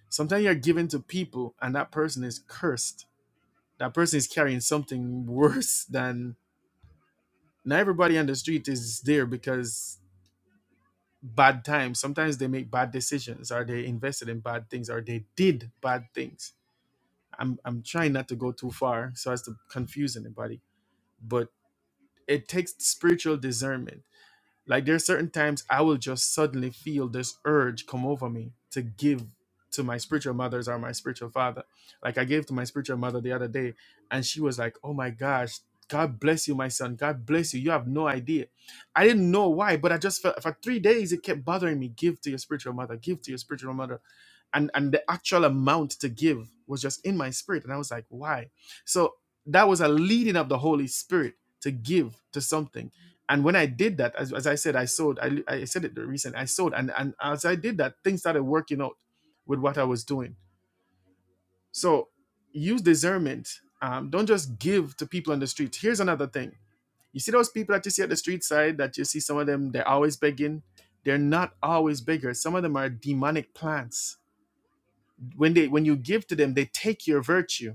S1: Sometimes you're giving to people, and that person is cursed. That person is carrying something worse than now everybody on the street is there because bad times. Sometimes they make bad decisions, or they invested in bad things, or they did bad things. I'm I'm trying not to go too far so as to confuse anybody, but it takes spiritual discernment like there's certain times I will just suddenly feel this urge come over me to give to my spiritual mothers or my spiritual father. Like I gave to my spiritual mother the other day, and she was like, "Oh my gosh, God bless you, my son. God bless you. You have no idea." I didn't know why, but I just felt for three days it kept bothering me. Give to your spiritual mother. Give to your spiritual mother, and and the actual amount to give was just in my spirit, and I was like, "Why?" So that was a leading of the Holy Spirit to give to something and when I did that, as, as I said, I sold, I, I said it recently, I sold. And, and as I did that, things started working out with what I was doing. So use discernment. Um, don't just give to people on the street. Here's another thing. You see those people that you see at the street side that you see some of them, they're always begging. They're not always beggars. Some of them are demonic plants. When they when you give to them, they take your virtue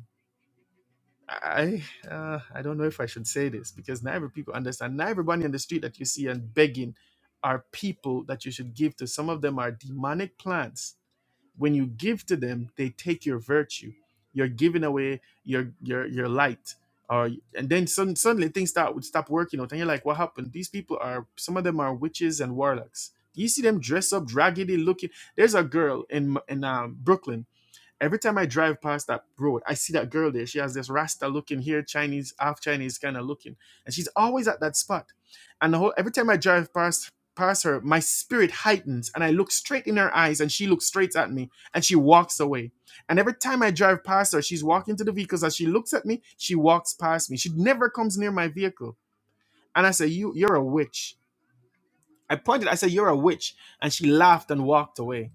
S1: I uh, I don't know if I should say this because not every people understand. Not everybody on the street that you see and begging are people that you should give to. Some of them are demonic plants. When you give to them, they take your virtue. You're giving away your your your light. Or and then sudden, suddenly things start would stop working out, and you're like, what happened? These people are some of them are witches and warlocks. You see them dress up, raggedy looking. There's a girl in in um, Brooklyn every time I drive past that road, I see that girl there. She has this Rasta looking here, Chinese, half Chinese kind of looking, and she's always at that spot. And the whole every time I drive past past her, my spirit heightens, and I look straight in her eyes, and she looks straight at me, and she walks away. And every time I drive past her, she's walking to the vehicles. As she looks at me, she walks past me. She never comes near my vehicle. And I say, "You, you're a witch." I pointed. I said, "You're a witch," and she laughed and walked away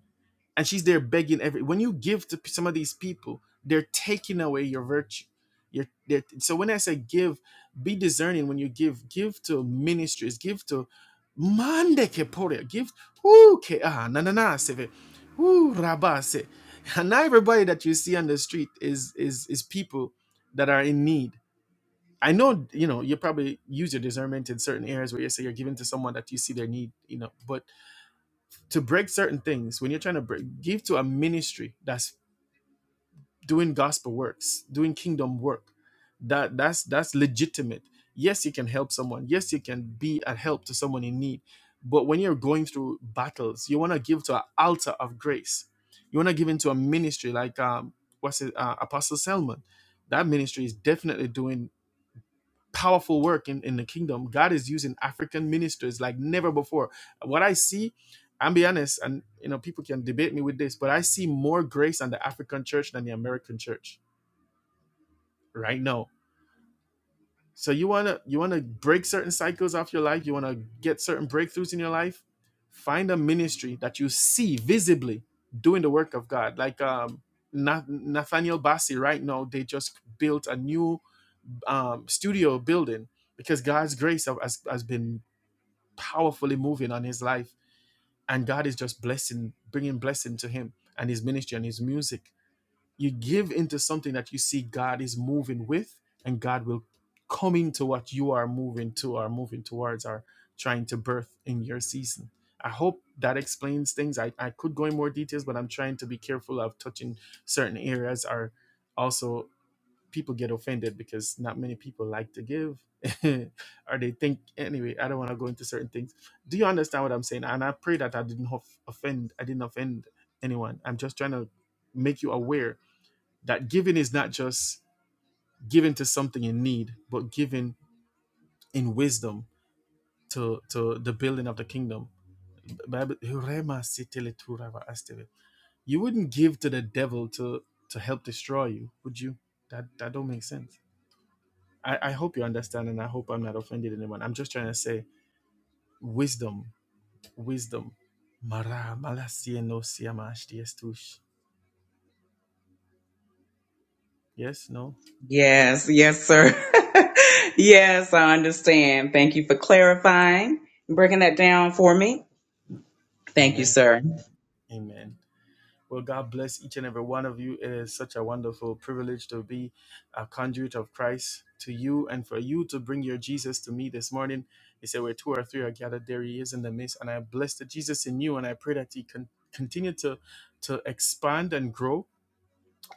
S1: and she's there begging every when you give to some of these people they're taking away your virtue you're they're, so when i say give be discerning when you give give to ministries give to mande que pore give who ke ah na na na seve ve, who rabase and not everybody that you see on the street is is is people that are in need i know you know you probably use your discernment in certain areas where you say you're giving to someone that you see their need you know but to break certain things when you're trying to break, give to a ministry that's doing gospel works doing kingdom work that that's that's legitimate yes you can help someone yes you can be a help to someone in need but when you're going through battles you want to give to an altar of grace you want to give into a ministry like um what's it uh, apostle selman that ministry is definitely doing powerful work in, in the kingdom. God is using African ministers like never before. What I see, I'm be honest, and you know, people can debate me with this, but I see more grace on the African church than the American church right now. So you wanna you wanna break certain cycles off your life, you wanna get certain breakthroughs in your life, find a ministry that you see visibly doing the work of God. Like um Na- Nathaniel Bassi right now, they just built a new um, studio building because God's grace have- has, has been powerfully moving on his life and god is just blessing bringing blessing to him and his ministry and his music you give into something that you see god is moving with and god will come into what you are moving to or moving towards or trying to birth in your season i hope that explains things i, I could go in more details but i'm trying to be careful of touching certain areas or also people get offended because not many people like to give or they think anyway i don't want to go into certain things do you understand what i'm saying and i pray that i didn't hof- offend i didn't offend anyone i'm just trying to make you aware that giving is not just giving to something in need but giving in wisdom to to the building of the kingdom Bible- Rema sitele turava asteve. you wouldn't give to the devil to to help destroy you would you that that don't make sense I, I hope you understand, and I hope I'm not offended anyone. I'm just trying to say wisdom, wisdom. Mara malasia no siamash diestush. Yes, no?
S2: Yes, yes, sir. yes, I understand. Thank you for clarifying, breaking that down for me. Thank you,
S1: Amen.
S2: sir.
S1: Amen. Amen. Well, God bless each and every one of you. It is such a wonderful privilege to be a conduit of Christ to you and for you to bring your Jesus to me this morning. He said, Where two or three are gathered, there he is in the midst. And I bless the Jesus in you, and I pray that he can continue to, to expand and grow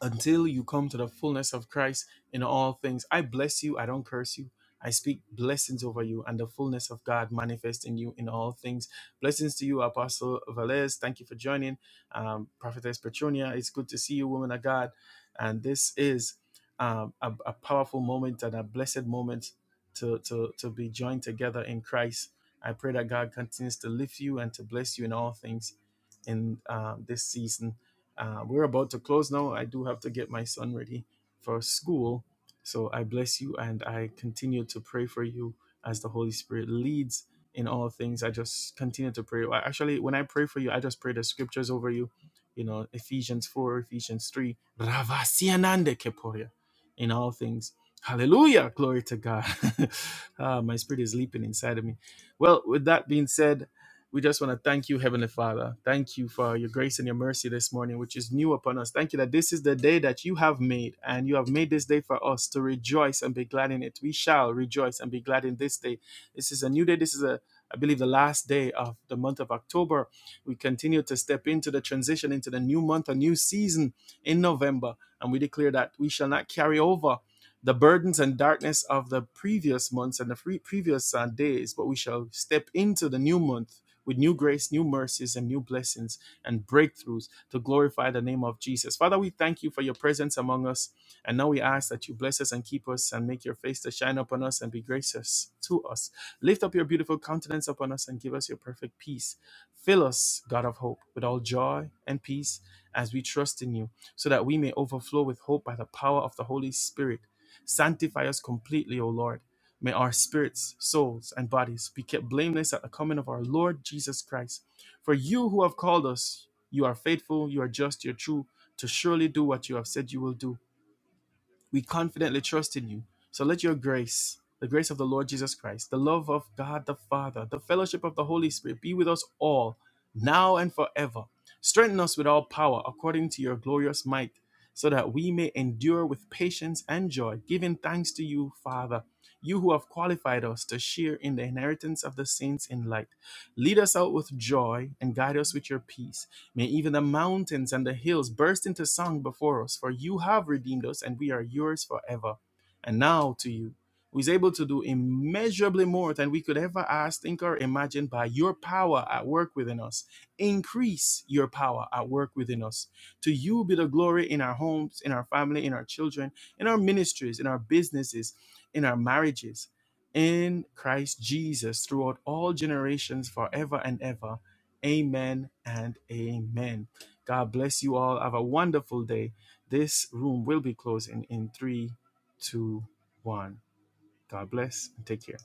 S1: until you come to the fullness of Christ in all things. I bless you. I don't curse you. I speak blessings over you and the fullness of God manifest in you in all things. Blessings to you, Apostle Velez. Thank you for joining. Um, Prophetess Petronia, it's good to see you, woman of God. And this is um, a, a powerful moment and a blessed moment to, to, to be joined together in Christ. I pray that God continues to lift you and to bless you in all things in um, this season uh, we're about to close now. I do have to get my son ready for school. So I bless you and I continue to pray for you as the Holy Spirit leads in all things. I just continue to pray. Well, Actually, when I pray for you, I just pray the scriptures over you. You know, Ephesians 4, Ephesians 3. Ravasianande keporia in all things. Hallelujah. Glory to God. Ah, my spirit is leaping inside of me. Well, with that being said, we just want to thank you, Heavenly Father. Thank you for your grace and your mercy this morning, which is new upon us. Thank you that this is the day that you have made, and you have made this day for us to rejoice and be glad in it. We shall rejoice and be glad in this day. This is a new day. This is a I believe the last day of the month of October. We continue to step into the transition into the new month, a new season in November. And we declare that we shall not carry over the burdens and darkness of the previous months and the free, previous uh, days, but we shall step into the new month with new grace, new mercies, and new blessings and breakthroughs to glorify the name of Jesus. Father, we thank you for your presence among us. And now we ask that you bless us and keep us and make your face to shine upon us and be gracious to us. Lift up your beautiful countenance upon us and give us your perfect peace. Fill us, God of hope, with all joy and peace as we trust in you, so that we may overflow with hope by the power of the Holy Spirit. Sanctify us completely, O Lord May our spirits, souls, and bodies be kept blameless at the coming of our Lord Jesus Christ. For you who have called us, you are faithful, you are just, you're true, to surely do what you have said you will do. We confidently trust in you. So let your grace, the grace of the Lord Jesus Christ, the love of God the Father, the fellowship of the Holy Spirit be with us all, now and forever. Strengthen us with all power according to your glorious might, so that we may endure with patience and joy, giving thanks to you, Father, you who have qualified us to share in the inheritance of the saints in light. Lead us out with joy and guide us with your peace May even the mountains and the hills burst into song before us, for you have redeemed us, and we are yours forever. And now to you, who is able to do immeasurably more than we could ever ask, think, or imagine by your power at work within us. Increase your power at work within us. To you be the glory in our homes, in our family, in our children, in our ministries, in our businesses, in our marriages. In Christ Jesus, throughout all generations, forever and ever. Amen and amen. God bless you all. Have a wonderful day. This room will be closing in three, two, one. God bless and take care.